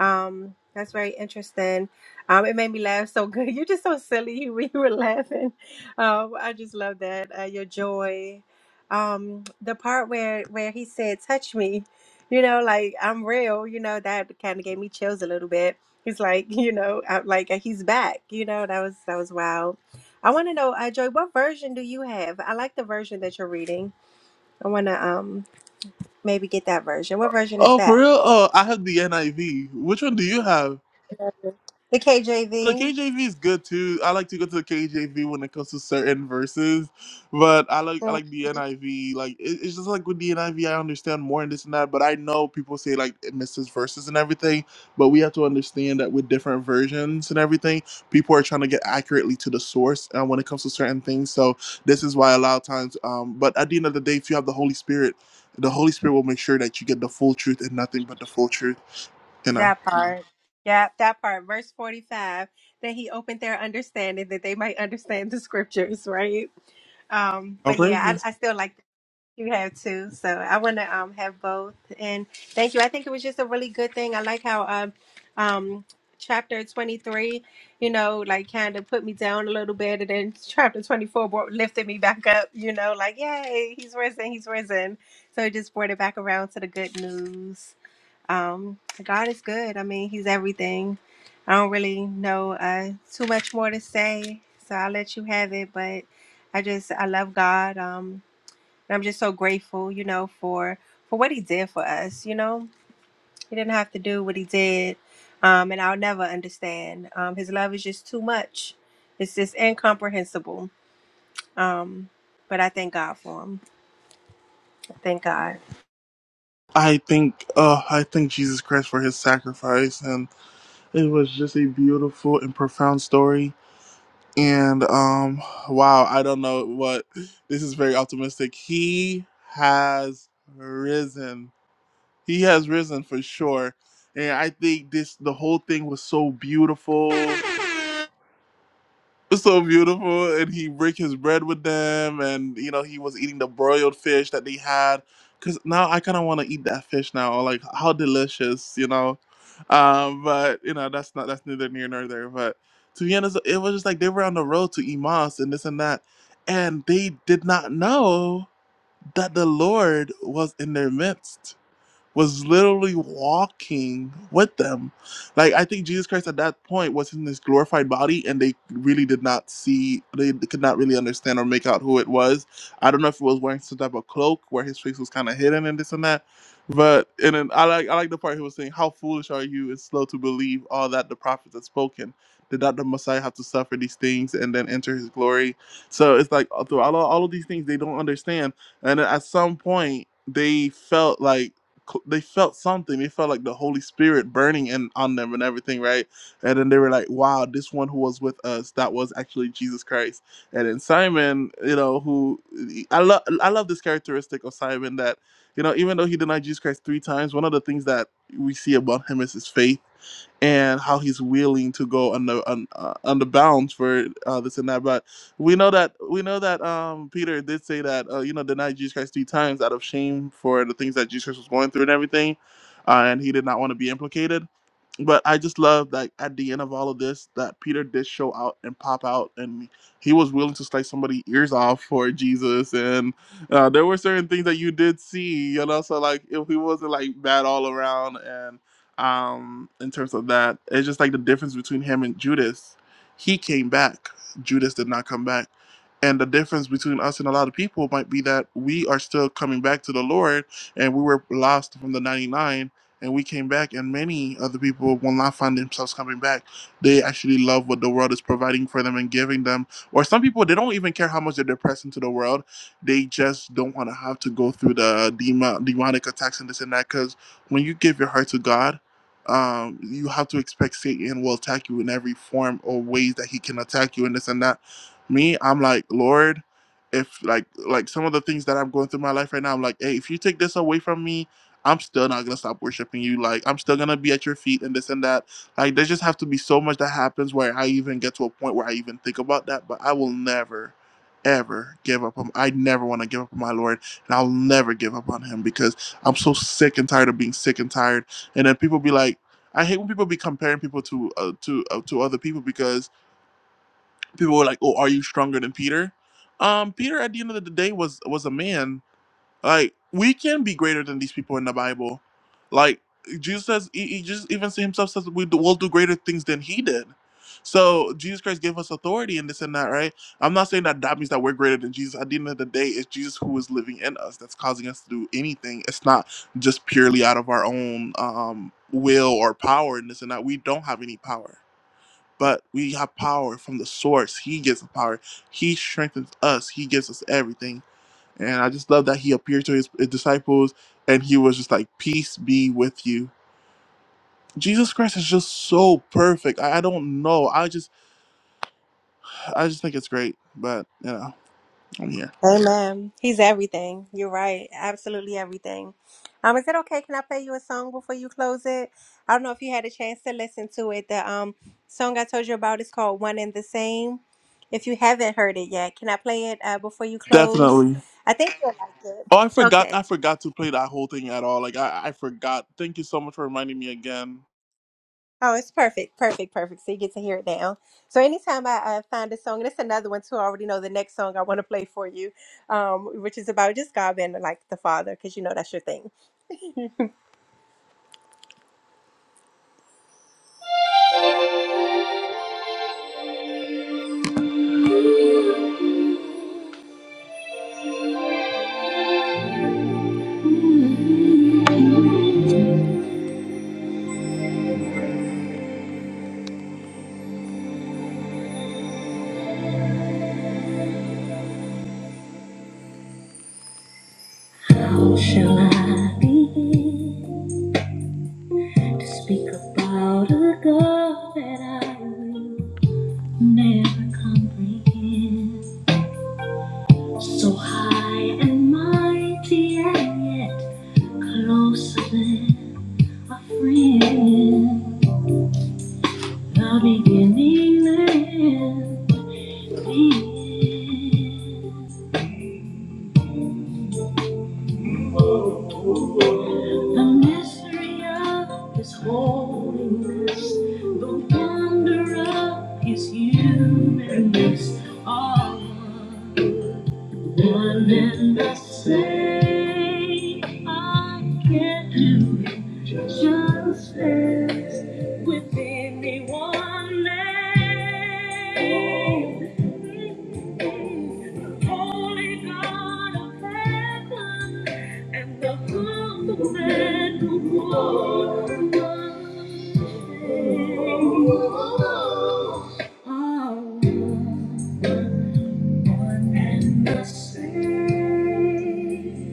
Um, that's very interesting. Um, it made me laugh so good. You're just so silly when you were laughing. Um, I just love that. Uh, your joy. Um, the part where where he said, "Touch me," you know, like I'm real. You know, that kind of gave me chills a little bit. He's like, you know, i like uh, he's back. You know, that was that was wild. I want to know, uh, Joy, what version do you have? I like the version that you're reading. I want to um maybe get that version. What version is
Oh, for
that?
real? Oh, I have the NIV. Which one do you have?
The
The
KJV.
KJV is good too. I like to go to the KJV when it comes to certain verses, but I like I
Mm,
like the NIV. Like it, it's just like with the NIV, I V, I understand more and this and that. But I know people say like it misses verses and everything. But we have to understand that with different versions and everything, people are trying to get accurately to the source uh, when it comes to certain things. So this is why a lot of times. Um, but at the end of the day, if you have the Holy Spirit, the Holy Spirit will make sure that you get the full truth and nothing but the full truth. You know.
That part. Yeah, that part. Verse 45. That he opened their understanding that they might understand the scriptures, right? Um,
Oh,
but yeah,
praises.
I, I still like You have to, So I want to um, have both. And thank you. I think it was just a really good thing. I like how um, um, chapter 23, you know, like kind of put me down a little bit. And then chapter 24 brought, lifted me back up, you know, like, yay, he's risen, he's risen. So it just brought it back around to the good news. Um, God is good. I mean, he's everything. I don't really know uh, too much more to say. So I'll let you have it. But I just, I love God. Um, and I'm just so grateful, you know, for for what he did for us. You know, he didn't have to do what he did, um, and I'll never understand. Um, his love is just too much. It's just incomprehensible. Um, but I thank God for him. I thank God.
I think uh I thank Jesus Christ for his sacrifice and it was just a beautiful and profound story. And um wow, I don't know what this is very optimistic. He has risen. He has risen for sure. And I think this the whole thing was so beautiful so beautiful and he break his bread with them and you know he was eating the broiled fish that they had because now i kind of want to eat that fish now or like how delicious you know um but you know that's not that's neither near nor there but to be honest it was just like they were on the road to emas and this and that and they did not know that the lord was in their midst was literally walking with them. Like I think Jesus Christ at that point was in this glorified body and they really did not see they could not really understand or make out who it was. I don't know if he was wearing some type of cloak where his face was kinda hidden and this and that. But and then I like I like the part he was saying, How foolish are you and slow to believe all that the prophets had spoken. Did not the Messiah have to suffer these things and then enter his glory? So it's like throughout all, all of these things they don't understand. And then at some point they felt like they felt something. They felt like the Holy Spirit burning in on them and everything, right? And then they were like, "Wow, this one who was with us, that was actually Jesus Christ." And then Simon, you know, who I love, I love this characteristic of Simon that you know, even though he denied Jesus Christ three times, one of the things that we see about him is his faith and how he's willing to go under on, uh, under bounds for uh, this and that. but we know that we know that um Peter did say that uh, you know denied Jesus Christ three times out of shame for the things that Jesus Christ was going through and everything, uh, and he did not want to be implicated. But I just love that at the end of all of this, that Peter did show out and pop out, and he was willing to slice somebody's ears off for Jesus. And uh, there were certain things that you did see, you know. So like, if he wasn't like bad all around, and um, in terms of that, it's just like the difference between him and Judas. He came back Judas did not come back. And the difference between us and a lot of people might be that we are still coming back to the Lord and we were lost from the 99 and we came back and many other people will not find themselves coming back. They actually love what the world is providing for them and giving them. Or some people, they don't even care how much they're depressed into the world. They just don't want to have to go through the demon, demonic attacks and this and that. Because when you give your heart to God, um, you have to expect Satan will attack you in every form or ways that he can attack you and this and that. Me, I'm like, Lord, if like like some of the things that I'm going through in my life right now, I'm like, hey, if you take this away from me, I'm still not gonna stop worshiping you. Like I'm still gonna be at your feet and this and that. Like there just have to be so much that happens where I even get to a point where I even think about that, but I will never ever give up on I never want to give up on my Lord and I'll never give up on him because I'm so sick and tired of being sick and tired and then people be like I hate when people be comparing people to uh, to uh, to other people because people were like, "Oh, are you stronger than Peter?" Um, Peter at the end of the day was was a man like we can be greater than these people in the Bible. Like Jesus says, he, he just even see himself says we do, will do greater things than he did. So Jesus Christ gave us authority in this and that, right? I'm not saying that that means that we're greater than Jesus. At the end of the day, it's Jesus who is living in us that's causing us to do anything. It's not just purely out of our own um, will or power in this and that. We don't have any power, but we have power from the source. He gives the power. He strengthens us. He gives us everything and I just love that he appeared to his, his disciples and he was just like, Peace be with you. Jesus Christ is just so perfect. I, I don't know. I just I just think it's great. But you know, I'm here.
Amen. He's everything. You're right. Absolutely everything. Um, is it okay? Can I play you a song before you close it? I don't know if you had a chance to listen to it. The um song I told you about is called One and the Same. If you haven't heard it yet, can I play it uh, before you close?
Definitely.
I think you'll like it.
Oh, I forgot I
Okay.
forgot to play that whole thing at all. Like I, I forgot. Thank you so much for reminding me again.
Oh, it's perfect, perfect, perfect. So you get to hear it now. So anytime I, I find a song, and it's another one too, I already know the next song I want to play for you, um, which is about just God being like the Father, because you know that's your thing. How shall I begin to speak about a God that I will never comprehend? So high and mighty, and yet closer than a friend. The beginning and the end. The mystery of His holiness, the wonder of His humanness, all. One and the same, I can do justice within me one name. Holy God of heaven and the host of men who walk among us. One and the same.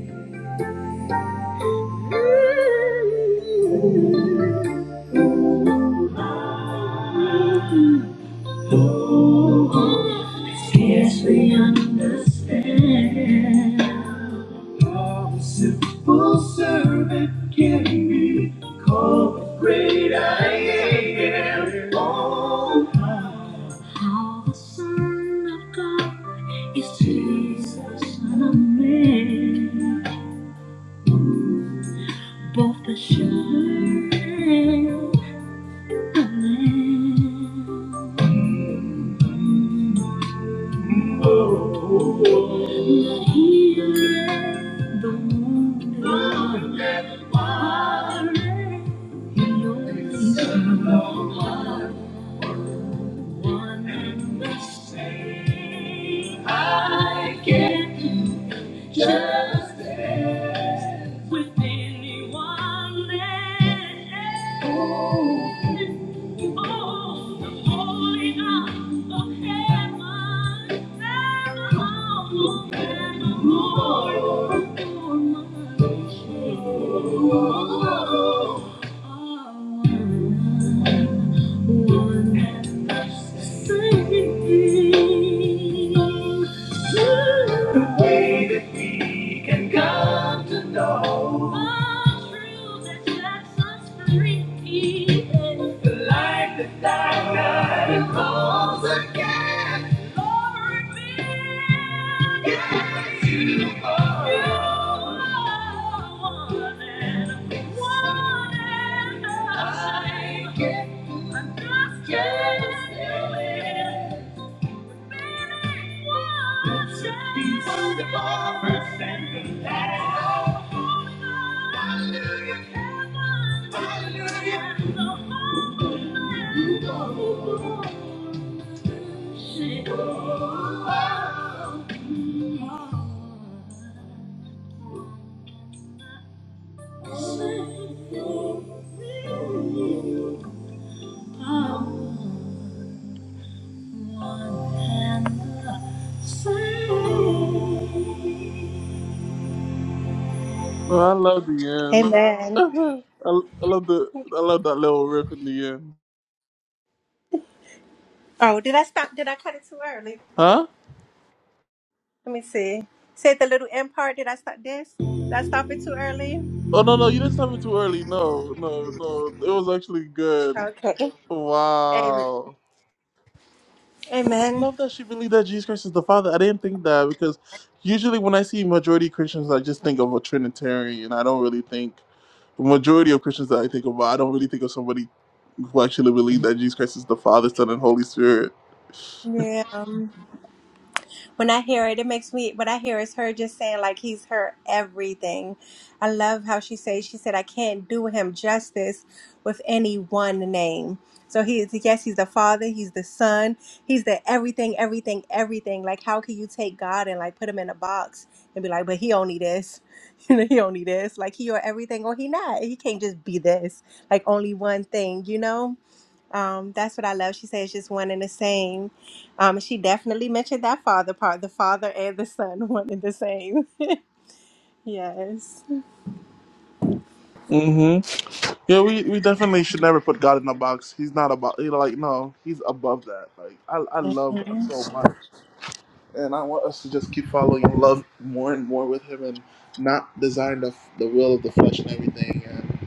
Oh, scarcely understand how the simple servant can be called great I am. Oh, how the Son of God. It's Jesus, not a man, both the shepherd and the lamb. Oh, The healer, the wounded, warrior, he always one mistake I get. Just with anyone else. Oh, the holy God of heaven, never humble, never glorious, for my soul. The way that we can come to know all truth that sets us free. The life that I heaven calls again. Glory be. Yes. you are. You are one and one and the same. I get, I just can't feel it. Oh.
Oh, I love the end.
Amen.
I, I love the I love that little riff in the end.
Oh, did I stop? Did I cut it too early?
Huh?
Let me see. Say the little end part. Did I stop this? Did I stop it too early?
Oh no no you didn't stop it too early. No, no, no. It was actually good.
Okay. Amen.
Wow. I
Amen.
love that she believed that Jesus Christ is the Father. I didn't think that because usually when I see majority Christians, I just think of a Trinitarian. I don't really think the majority of Christians that I think about. I don't really think of somebody who actually believes that Jesus Christ is the Father, Son, and Holy Spirit.
Yeah. when I hear it, it makes me what I hear is her just saying like he's her everything. I love how she says she said I can't do him justice with any one name. So he is yes, he's the father, he's the son, he's the everything, everything, everything. Like how can you take God and like put him in a box and be like, but he only this, you know, he only this. Like he or everything or he not. He can't just be this. Like only one thing, you know? Um, that's what I love. She says just one and the same. Um, she definitely mentioned that father part, the father and the son, one and the same. yes.
hmm Yeah, we, we definitely should never put God in a box. He's not about you know like no, he's above that. Like I I love God
Mhm.
so much. And I want us to just keep following love more and more with him and not design the, the will of the flesh and everything. And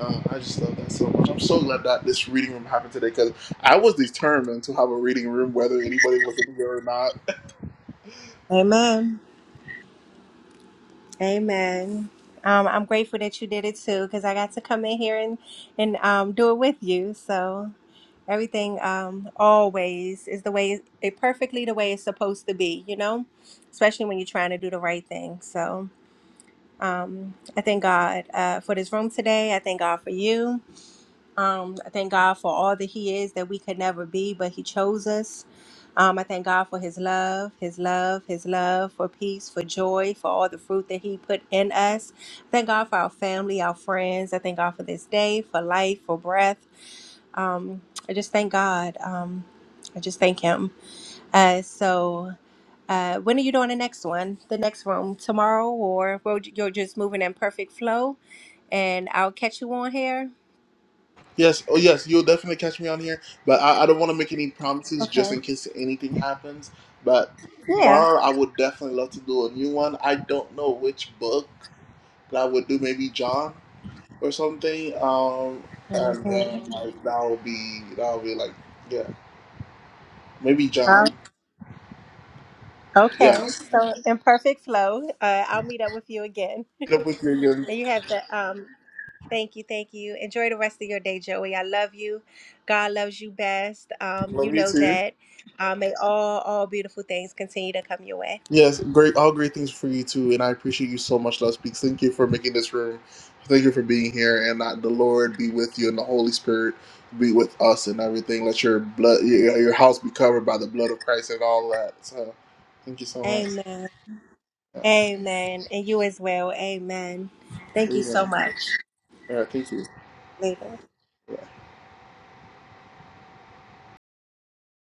uh, I just love that so much. I'm so glad that this reading room happened today because I was determined to have a reading room, whether anybody was in here or not.
Amen. Amen. Um, I'm grateful that you did it too, because I got to come in here and and um, do it with you. So everything um, always is the way it perfectly the way it's supposed to be. You know, especially when you're trying to do the right thing. So um, I thank God uh, for this room today. I thank God for you. Um, I thank God for all that He is that we could never be, but He chose us. Um, I thank God for His love, His love, His love, for peace, for joy, for all the fruit that He put in us. Thank God for our family, our friends. I thank God for this day, for life, for breath. Um, I just thank God. Um, I just thank Him. Uh, so, uh, when are you doing the next one? The next room tomorrow, or we you're just moving in perfect flow, and I'll catch you on here.
Yes, oh yes, you'll definitely catch me on here, but I, I don't want to make any promises just
Okay.
in case anything happens. But
Yeah.
tomorrow I would definitely love to do a new one. I don't know which book that I would do, maybe John. or something. Um,
hmm
and uh, I, that'll be that'll be like yeah, maybe
Um,
John. Yeah,
okay, so in perfect flow, uh, I'll meet up with you again.
Meet up with you again.
and you have the um, thank you, thank you. Enjoy the rest of your day, Joey. I love you. God loves you best. Um, you
Love you
know
too.
that. Um, may all all beautiful things continue to come your way.
Yes, great. All great things for you too, and I appreciate you so much, Love Speaks. Thank you for making this room. Thank you for being here, and that the Lord be with you, and the Holy Spirit be with us, and everything. Let your blood, your, your house, be covered by the blood of Christ, and all that. So, thank you so much.
Amen.
Yes,
Amen. And you as well. Amen. Thank
there
you
you
so
go.
much.
All right, thank you.
Later.